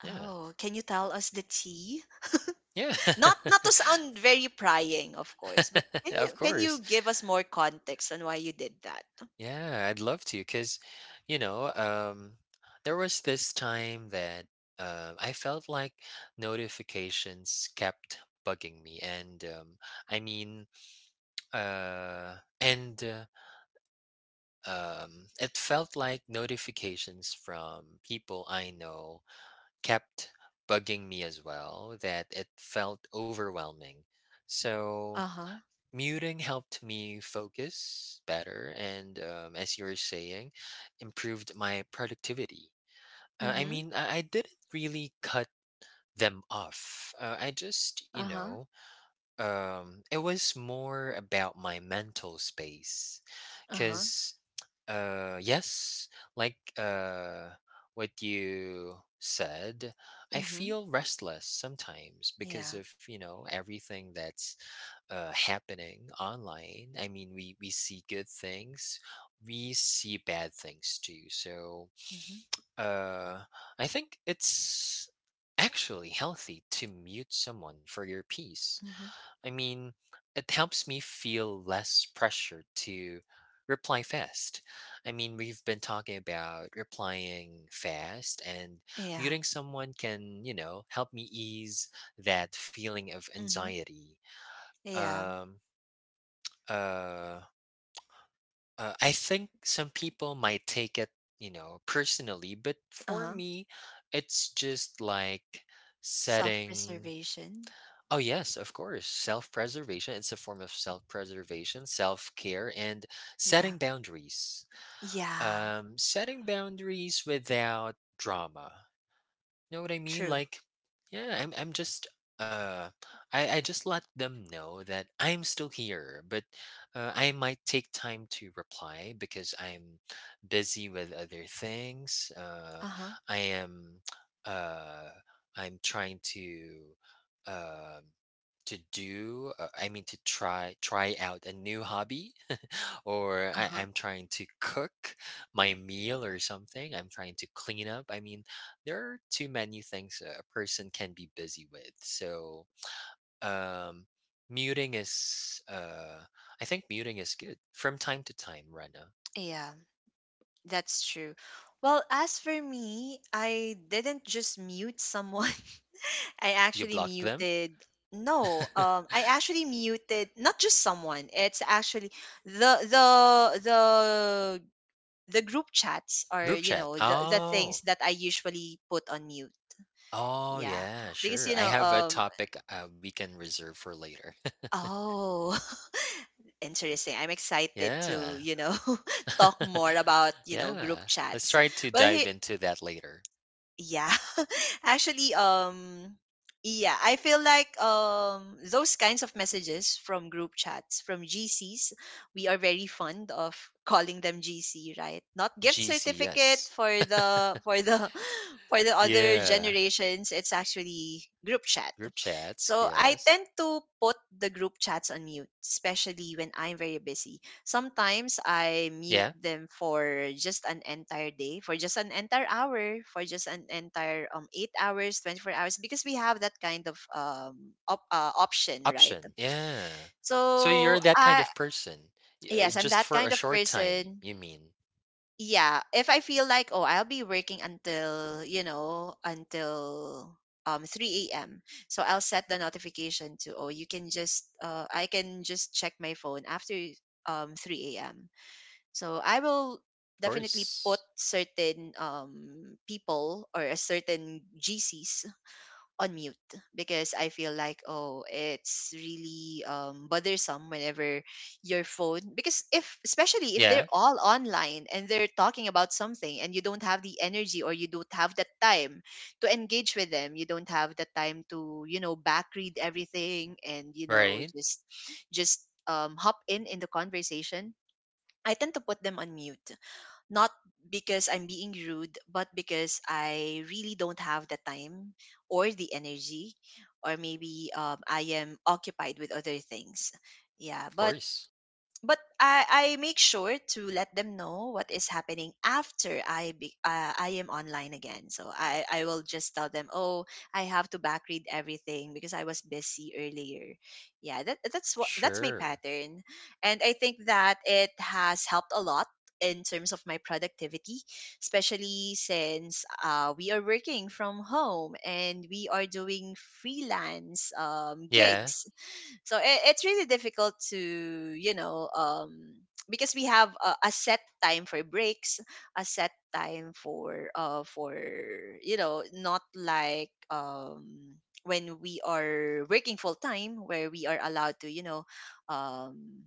B: Yeah.
A: oh, can you tell us the tea?
B: Yeah.
A: Not not to sound very prying, of course, but
B: Of
A: can you
B: course.
A: give us more context on why you did that?
B: Yeah, I'd love to. Cause, you know, there was this time that I felt like notifications kept bugging me and I mean, and it felt like notifications from people I know kept bugging me as well, that it felt overwhelming. So,
A: Uh-huh.
B: muting helped me focus better, and as you were saying, improved my productivity. I
A: Mm-hmm.
B: mean, I didn't really cut them off. I just, you
A: Uh-huh.
B: know, it was more about my mental space,
A: Uh-huh.
B: because, yes, like what you said, I
A: Mm-hmm.
B: feel restless sometimes because
A: Yeah.
B: of you know everything that's happening online. I mean, we see good things, we see bad things too. So,
A: Mm-hmm.
B: uh, I think it's actually healthy to mute someone for your peace.
A: Mm-hmm.
B: I mean, it helps me feel less pressure to reply fast. I mean, we've been talking about replying fast, and
A: Yeah.
B: muting someone can, you know, help me ease that feeling of
A: Mm-hmm.
B: anxiety.
A: Yeah.
B: Um, uh, I think some people might take it, you know, personally, but for
A: Uh-huh.
B: me, it's just like setting.
A: Self-preservation.
B: Oh, yes, of course. Self preservation. It's a form of self preservation, self care, and
A: Yeah.
B: setting boundaries.
A: Yeah.
B: Setting boundaries without drama, know what I mean?
A: True.
B: Like, yeah, uh I just let them know that I'm still here, but I might take time to reply because I'm busy with other things.
A: Uh-huh.
B: I am uh I'm trying um to do I mean to try out a new hobby or I,
A: Uh-huh.
B: i'm trying to cook my meal or something I'm trying to clean up I mean there are too many things a person can be busy with. So, um, muting is, I think muting is good from time to time, Rana.
A: Yeah. That's true. Well, as for me, I didn't just mute someone. I
B: You
A: actually
B: block them?
A: muted no, I actually muted not just someone. It's actually the the the the group chats, or
B: Group
A: you
B: chat.
A: know the
B: Oh,
A: things that I usually put on mute.
B: oh,
A: Yeah.
B: yeah,
A: Because
B: sure.
A: you
B: I
A: know
B: have a topic we can reserve for later.
A: oh interesting. I'm excited
B: Yeah.
A: to, you know, talk more about, you know, group
B: Yeah. Let's
A: chats.
B: try to
A: Well,
B: dive
A: he,
B: into that later.
A: yeah actually yeah, I feel like those kinds of messages from group chats, from gcs, we are very fond of calling them gc, right, not gift
B: GC,
A: certificate,
B: yes.
A: for the for the other
B: Yeah.
A: generations it's actually group chat.
B: Group chats,
A: So I
B: yes.
A: tend to put the group chats on mute, especially when I'm very busy. Sometimes I mute
B: Yeah.
A: them for just an entire day, for just an entire hour, for just an entire 8 hours, 24 hours, because we have that kind of option, right?
B: Option, yeah. So you're
A: So
B: that kind
A: I
B: of person, y
A: yes, I'm
B: just
A: that
B: for
A: kind
B: a
A: of
B: short time,
A: person.
B: you mean?
A: Yeah, if I feel like, oh, I'll be working until you know until 3 a.m. So I'll set the notification to, oh, you can just I can just check my phone after 3 a.m. So I will
B: Of
A: definitely put
B: course.
A: certain people or a certain GCs on mute because I feel like oh, it's really bothersome whenever your phone, because if, especially if they're
B: Yeah,
A: all online and they're talking about something and you don't have the energy or you don't have the time to engage with them, you don't have the time to, you know, back read everything and, you know,
B: right?
A: just just hop in the conversation. I tend to put them on mute, not because I'm being rude, but because I really don't have the time or the energy, or maybe I am occupied with other things. Yeah,
B: Of
A: but
B: course.
A: but I make sure to let them know what is happening after I am online again. So I will just tell them, oh, I have to back read everything because I was busy earlier. Yeah, that's my
B: Sure.
A: pattern, and I think that it has helped a lot in terms of my productivity, especially since we are working from home and we are doing freelance
B: Yeah,
A: gigs. So it's really difficult to, you know, because we have a set time for breaks, a set time for for, you know, not like when we are working full time, where we are allowed to, you know, um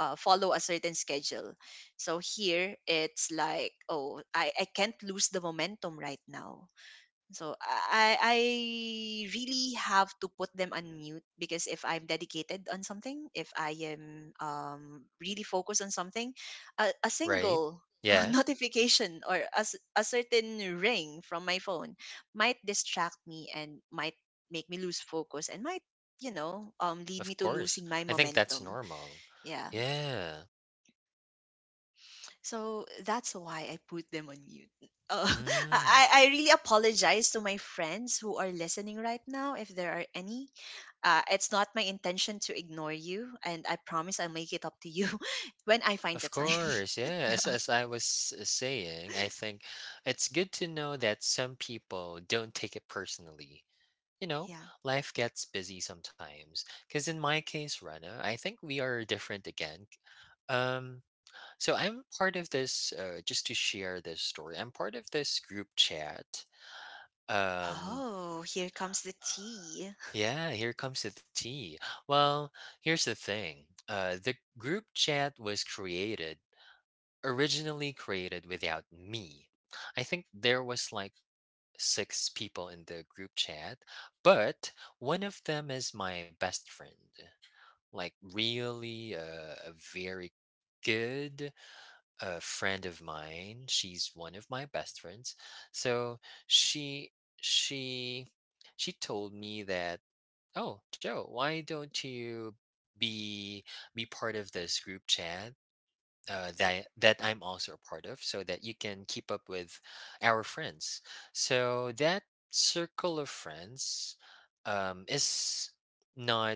A: follow a certain schedule. So here it's like, oh, I can't lose the momentum right now. So I really have to put them on mute, because if I'm dedicated on something, if I am really focused on something, a
B: right?
A: single
B: Yeah,
A: notification or a certain ring from my phone might distract me and might make me lose focus and might, you know, lead me
B: of
A: to
B: course.
A: losing my
B: I think that's
A: momentum.
B: normal.
A: Yeah.
B: Yeah.
A: So that's why I put them on mute. Uh, I,
B: Mm,
A: I really apologize to my friends who are listening right now, if there are any. It's not my intention to ignore you, and I promise I'll make it up to you when I find the
B: of
A: time.
B: course. Yeah. As
A: Yeah.
B: as I was saying, I think it's good to know that some people don't take it personally. you know,
A: Yeah.
B: Life gets busy sometimes. Because in my case, Rana, I think we are different again. Um, so I'm part of this, just to share this story, I'm part of this group chat. Um,
A: Oh, here comes the tea.
B: yeah, here comes the tea. Well, here's the thing the group chat was created, originally created without me. I think there was like six people in the group chat, but one of them is my best friend. Like really a very good friend of mine, she's one of my best friends. So she she she told me that, oh, Joe, why don't you be be part of this group chat, that I'm also a part of, so that you can keep up with our friends. So that circle of friends is not.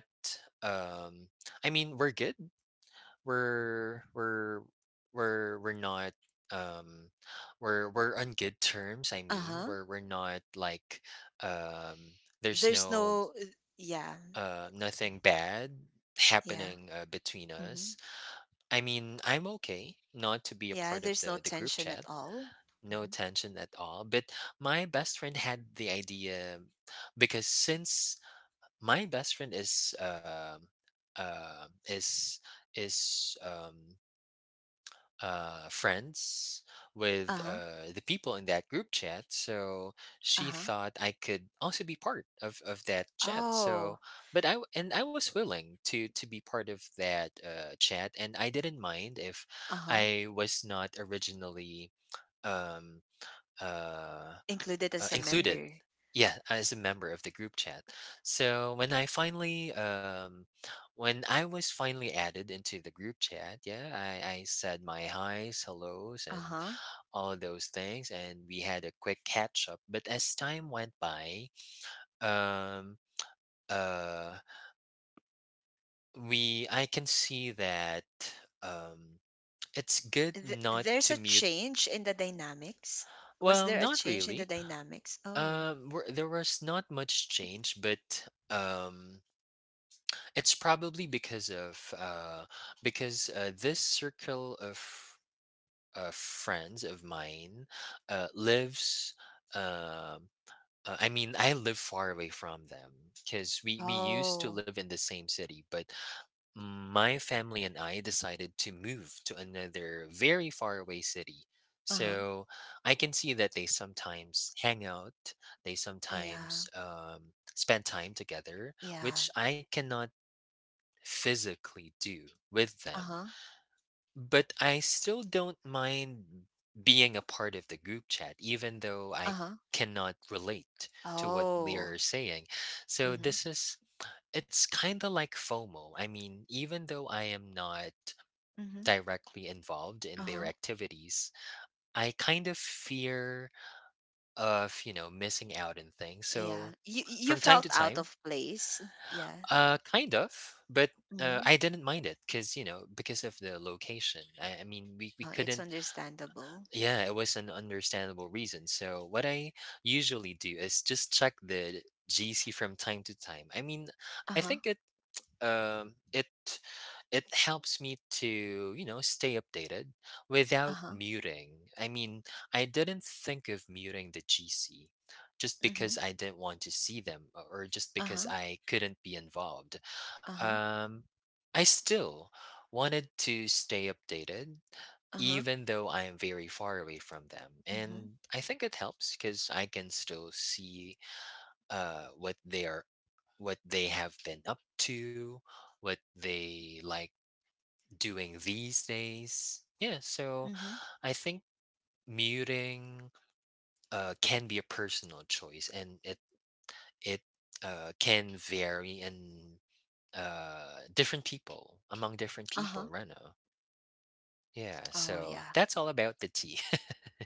B: Um, I mean, we're good. We're we're we're we're not. Um, we're on good terms. I
A: Uh
B: mean,
A: huh.
B: we're not like um, there's
A: There's
B: no
A: no. Yeah.
B: nothing bad
A: Yeah.
B: happening between
A: Mm-hmm.
B: us. I mean, I'm okay not to be a
A: Yeah.
B: part of
A: There's no
B: the group
A: tension
B: chat.
A: at all.
B: No
A: Mm-hmm.
B: tension at all. But my best friend had the idea because since my best friend is uh, is is um friends
A: Uh
B: with
A: huh.
B: the people in that group chat. So
A: Uh
B: she
A: huh.
B: thought I could also be part of that chat.
A: Oh.
B: So, but I w- and I was willing to be part of that chat, and I didn't mind if
A: Uh huh.
B: I was not originally um, uh,
A: Included as a
B: included.
A: member.
B: Yeah, as a member of the group chat. So when I finally, when I was finally added into the group chat, yeah, I said my highs, hellos,
A: Uh
B: and
A: huh.
B: all those things, and we had a quick catch up. But as time went by, um, uh, we I can see that um, it's good
A: Th-
B: not
A: there's a
B: to mute.
A: change in the dynamics. Was
B: Well,
A: there a
B: not
A: change in the
B: really.
A: dynamics? Oh.
B: There was not much change, but it's probably because of because this circle of friends of mine lives. Um I mean, I live far away from them because we used to
A: Oh.
B: live in the same city, but my family and I decided to move to another very far away city.
A: Uh-huh.
B: So I can see that they sometimes hang out. They
A: Uh, yeah,
B: sometimes spend time together,
A: yeah.
B: which I cannot physically do with them.
A: Uh-huh.
B: But I still don't mind being a part of the group chat, even though I
A: Uh-huh.
B: cannot relate to what they
A: Oh.
B: are saying. So
A: Mm-hmm.
B: this is it's kind of like FOMO. I mean, even though I am not
A: Mm-hmm.
B: directly involved in their
A: Uh-huh.
B: activities, I kind of fear of, you know, missing out on things.
A: Yeah.
B: So
A: You
B: from time
A: felt
B: to
A: out of
B: time,
A: place. Yeah.
B: uh, kind of, but
A: Mm-hmm.
B: I didn't mind it because you know because of the location. I mean, we
A: Uh-huh. It's
B: couldn't.
A: understandable.
B: Yeah, it was an understandable reason. So what I usually do is just check the GC from time to time. I mean, I
A: Uh-huh.
B: think um it it helps me to you know stay updated without
A: Uh-huh.
B: muting. I mean, I didn't think of muting the GC just
A: Mm-hmm.
B: because I didn't want to see them or just because
A: Uh-huh.
B: I couldn't be involved.
A: Uh-huh.
B: um, I still wanted to stay updated,
A: Uh-huh.
B: even though I am very far away from them.
A: Mm-hmm.
B: And I think it helps because I can still see uh, what they are, what they have been up to, what they like doing these days. Yeah, so
A: Mm-hmm.
B: I think muting can be a personal choice, and it can vary in different people among different
A: Uh-huh.
B: people, right now. Yeah,
A: Oh,
B: so
A: yeah.
B: that's all about the tea.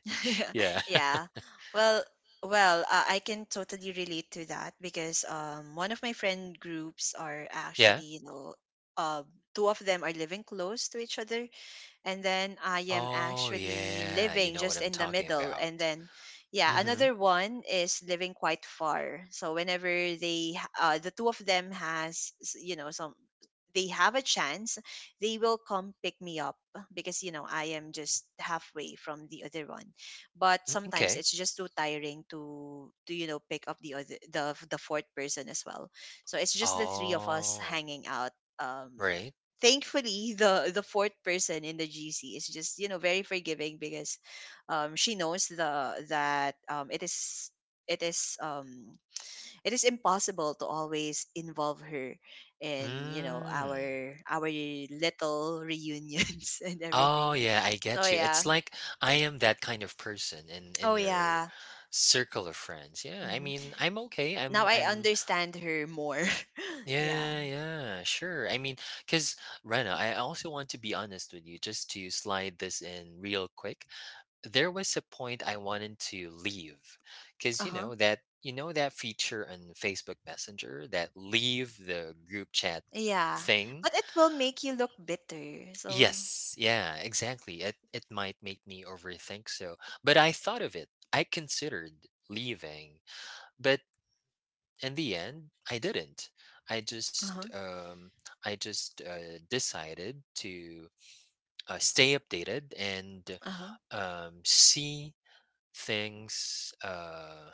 B: Yeah,
A: Yeah. Well, well, I can totally relate to that because one of my friend groups are
B: yeah.
A: actually, you know, uh, two of them are living close to each other, and then I am
B: Oh
A: actually
B: yeah, you
A: living
B: know what
A: just
B: I'm
A: in the
B: talking
A: middle.
B: about.
A: And then, yeah,
B: Mm-hmm.
A: another one is living quite far. So whenever they, the two of them has, you know, some, they have a chance, they will come pick me up because, you know, I am just halfway from the other one. But sometimes
B: Okay.
A: it's just too tiring to you know, pick up the other, the fourth person as well. So it's just the three of us
B: Oh,
A: hanging out. Um,
B: right.
A: Thankfully, the fourth person in the GC is just, you know, very forgiving because she knows the, that it is it is impossible to always involve her in, you know,
B: Mm.
A: our little reunions and
B: Oh
A: everything.
B: yeah, I
A: So
B: get you.
A: yeah.
B: It's like I am that kind of person in
A: Oh
B: your
A: yeah.
B: circle of friends. Yeah, I
A: Hmm.
B: mean, I'm okay.
A: Now I
B: I'm
A: understand her more. Yeah.
B: yeah, yeah, sure. I mean, because Rena, I also want to be honest with you, just to slide this in real quick. There was a point I wanted to leave, because you
A: Uh-huh.
B: know that feature on Facebook Messenger, that leave the group chat
A: Yeah.
B: thing.
A: But it will make you look bitter, so.
B: Yes, yeah, exactly. It might make me overthink, so, but I thought of it. I considered leaving, but in the end I didn't. i just
A: Uh-huh.
B: um i just uh, decided to stay updated and
A: Uh-huh.
B: see things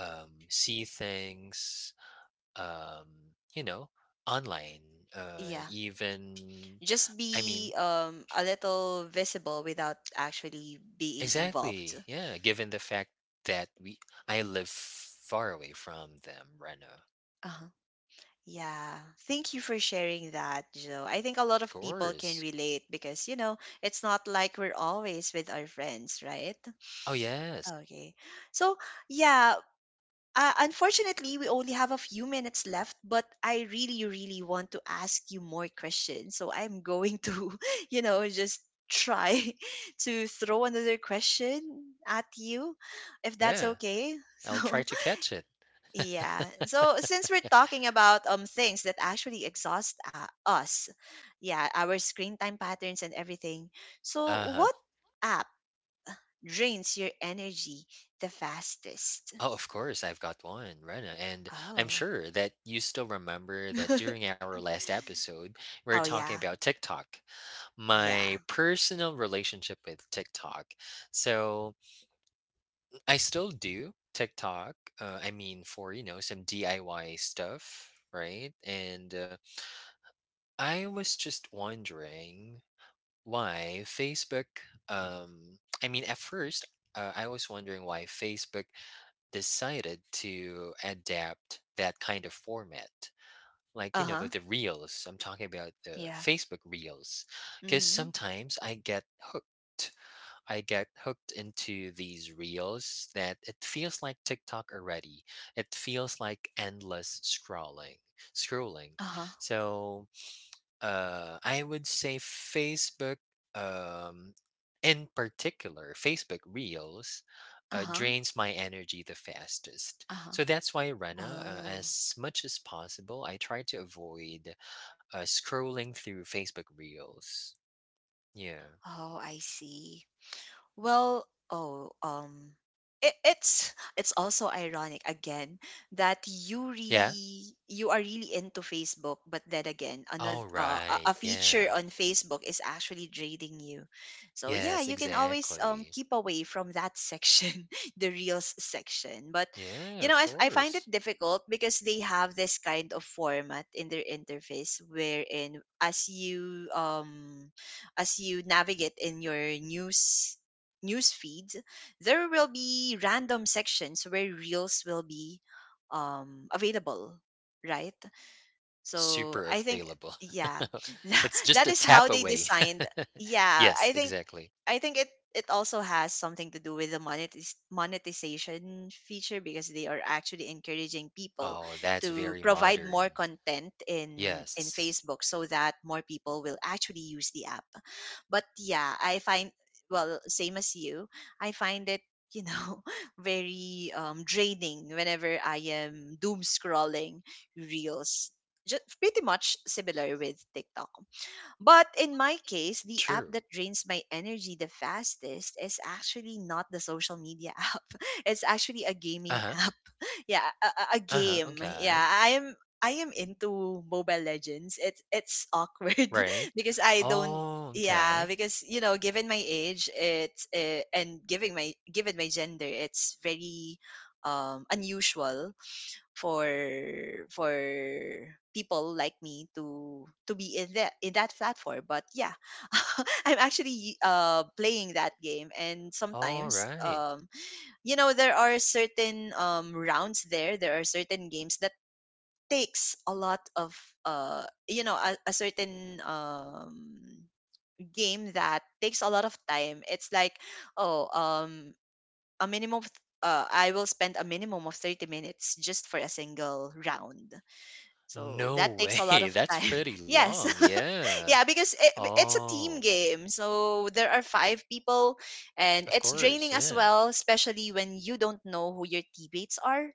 B: see things, um you know online,
A: Yeah,
B: even
A: just
B: I mean,
A: be a little visible without actually being involved.
B: exactly, yeah, given the fact that we I live far away from them, right.
A: Uh-huh. Yeah. Thank you for sharing that, Joe. I think a lot
B: Of
A: of people can
B: course.
A: relate because, you know, it's not like we're always with our friends, right?
B: Oh yes.
A: Okay. So, yeah. Unfortunately, we only have a few minutes left, but I really, really want to ask you more questions. So I'm going to, you know, just try to throw another question at you, if that's
B: Yeah,
A: okay.
B: I'll try
A: So,
B: to catch it.
A: yeah. So, since we're talking about things that actually exhaust us, yeah, our screen time patterns and everything. So,
B: Uh-huh.
A: what app drains your energy the fastest?
B: Oh, of course, I've got one, Rena, and I'm
A: Oh.
B: sure that you still remember that during our last episode, we were
A: Oh
B: talking
A: yeah.
B: about TikTok, my
A: Yeah.
B: personal relationship with TikTok. So I still do TikTok, I mean, for, you know, some DIY stuff, right? And I was just wondering why Facebook, I mean, at first, I was wondering why Facebook decided to adapt that kind of format. Like, you know,
A: Uh-huh.
B: the reels. I'm talking about the
A: Yeah.
B: Facebook reels. Because
A: Mhm.
B: sometimes I get hooked. I get hooked into these reels that it feels like TikTok already. It feels like endless scrolling. Scrolling.
A: Uh-huh.
B: So I would say Facebook, um, in particular, Facebook Reels
A: Uh-huh.
B: drains my energy the fastest.
A: Uh-huh.
B: So that's why, Rena,
A: Oh.
B: as much as possible, I try to avoid scrolling through Facebook Reels. Yeah.
A: Oh, I see. Well, oh, it's also ironic again that
B: Yeah.
A: you are really into Facebook, but then again, another
B: All right.
A: a feature
B: Yeah.
A: on Facebook is actually draining you. So yeah,
B: Yes,
A: you can always
B: exactly.
A: keep away from that section, the reels section. But, you
B: Yeah,
A: know,
B: of
A: I find
B: course.
A: it difficult because they have this kind of format in their interface wherein as you navigate in your news feeds, there will be random sections where reels will be available, right? So
B: Super
A: I think
B: available.
A: yeah, that
B: It's just a
A: that is
B: tap
A: how they
B: away.
A: designed. Yeah,
B: Yes,
A: I think
B: exactly.
A: I think it also has something to do with the monetization feature because they are actually encouraging people
B: Oh, that's
A: to
B: very
A: provide more
B: modern.
A: content in
B: Yes.
A: Facebook so that more people will actually use the app. But yeah, I find, well, same as you, I find it, you know, very draining whenever I am doom scrolling reels, just pretty much similar with TikTok. But in my case, the app
B: True.
A: that drains my energy the fastest is actually not the social media app. It's actually a gaming
B: Uh-huh.
A: app. Yeah, a
B: Uh-huh.
A: game. Yeah,
B: Okay.
A: I am into Mobile Legends. It's awkward
B: Right.
A: because I don't,
B: Oh,
A: yeah,
B: okay.
A: because, you know, given my age, it's and giving my given my gender, it's very unusual for for people like me to be in that platform. But yeah, I'm actually playing that game, and
B: All
A: sometimes
B: right.
A: you know, there are certain rounds there there are certain games that takes a lot of you know, a certain game that takes a lot of time. It's like, oh, a minimum of, I will spend a minimum of 30 minutes just for a single round, so
B: No
A: that takes a lot
B: way.
A: of
B: That's
A: time.
B: pretty
A: Yes.
B: long. Yeah.
A: Yeah, because it's a team
B: Oh,
A: game. So there are five people, and
B: of
A: it's
B: course.
A: draining as
B: Yeah.
A: well, especially when you don't know who your teammates are,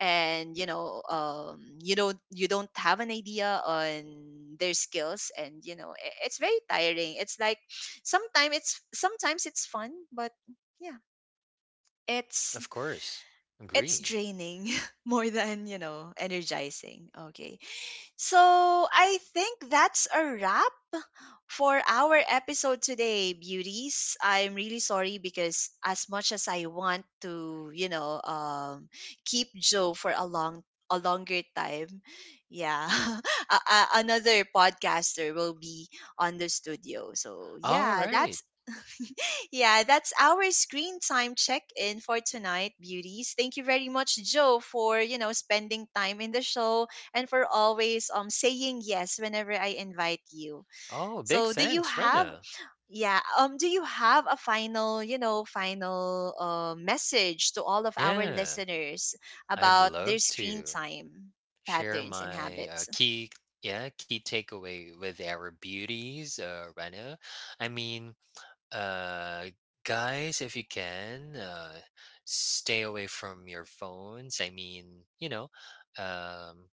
A: and, you know, you don't, you don't have an idea on their skills, and you know, it's very tiring. It's like sometimes it's fun, but yeah, it's
B: Of course.
A: it's
B: Agree.
A: draining more than, you know, energizing. Okay, so I think that's a wrap for our episode today, beauties. I'm really sorry because as much as I want to, you know, keep Joe for a long a longer time, yeah, another podcaster will be on the studio. So
B: All right.
A: yeah, that's our screen time check-in for tonight, beauties. Thank you very much, Joe, for, you know, spending time in the show and for always saying yes whenever I invite you.
B: Oh, big
A: So, do you
B: thanks,
A: have
B: Rena.
A: yeah do you have a final, you know, final message to all of our
B: Yeah.
A: listeners
B: I'd
A: about
B: love
A: their screen
B: to
A: time
B: share
A: patterns and
B: my
A: habits?
B: key yeah, key takeaway with our beauties, Rena. I mean, uh guys, if you can stay away from your phones, I mean, you know, um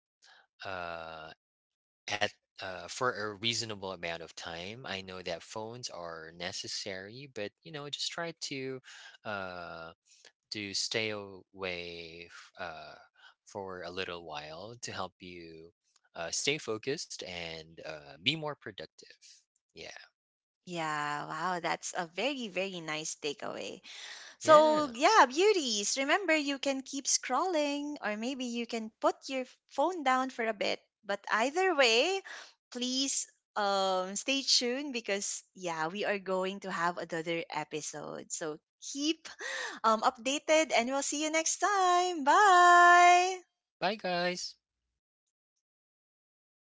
B: uh at for a reasonable amount of time, I know that phones are necessary, but you know just try to uh stay away for a little while to help you stay focused and be more productive. Yeah.
A: Yeah, wow, that's a very very nice takeaway. So,
B: Yeah.
A: yeah, beauties, remember you can keep scrolling, or maybe you can put your phone down for a bit. But either way, please stay tuned because, yeah, we are going to have another episode. So, keep updated, and we'll see you next time. Bye.
B: Bye, guys.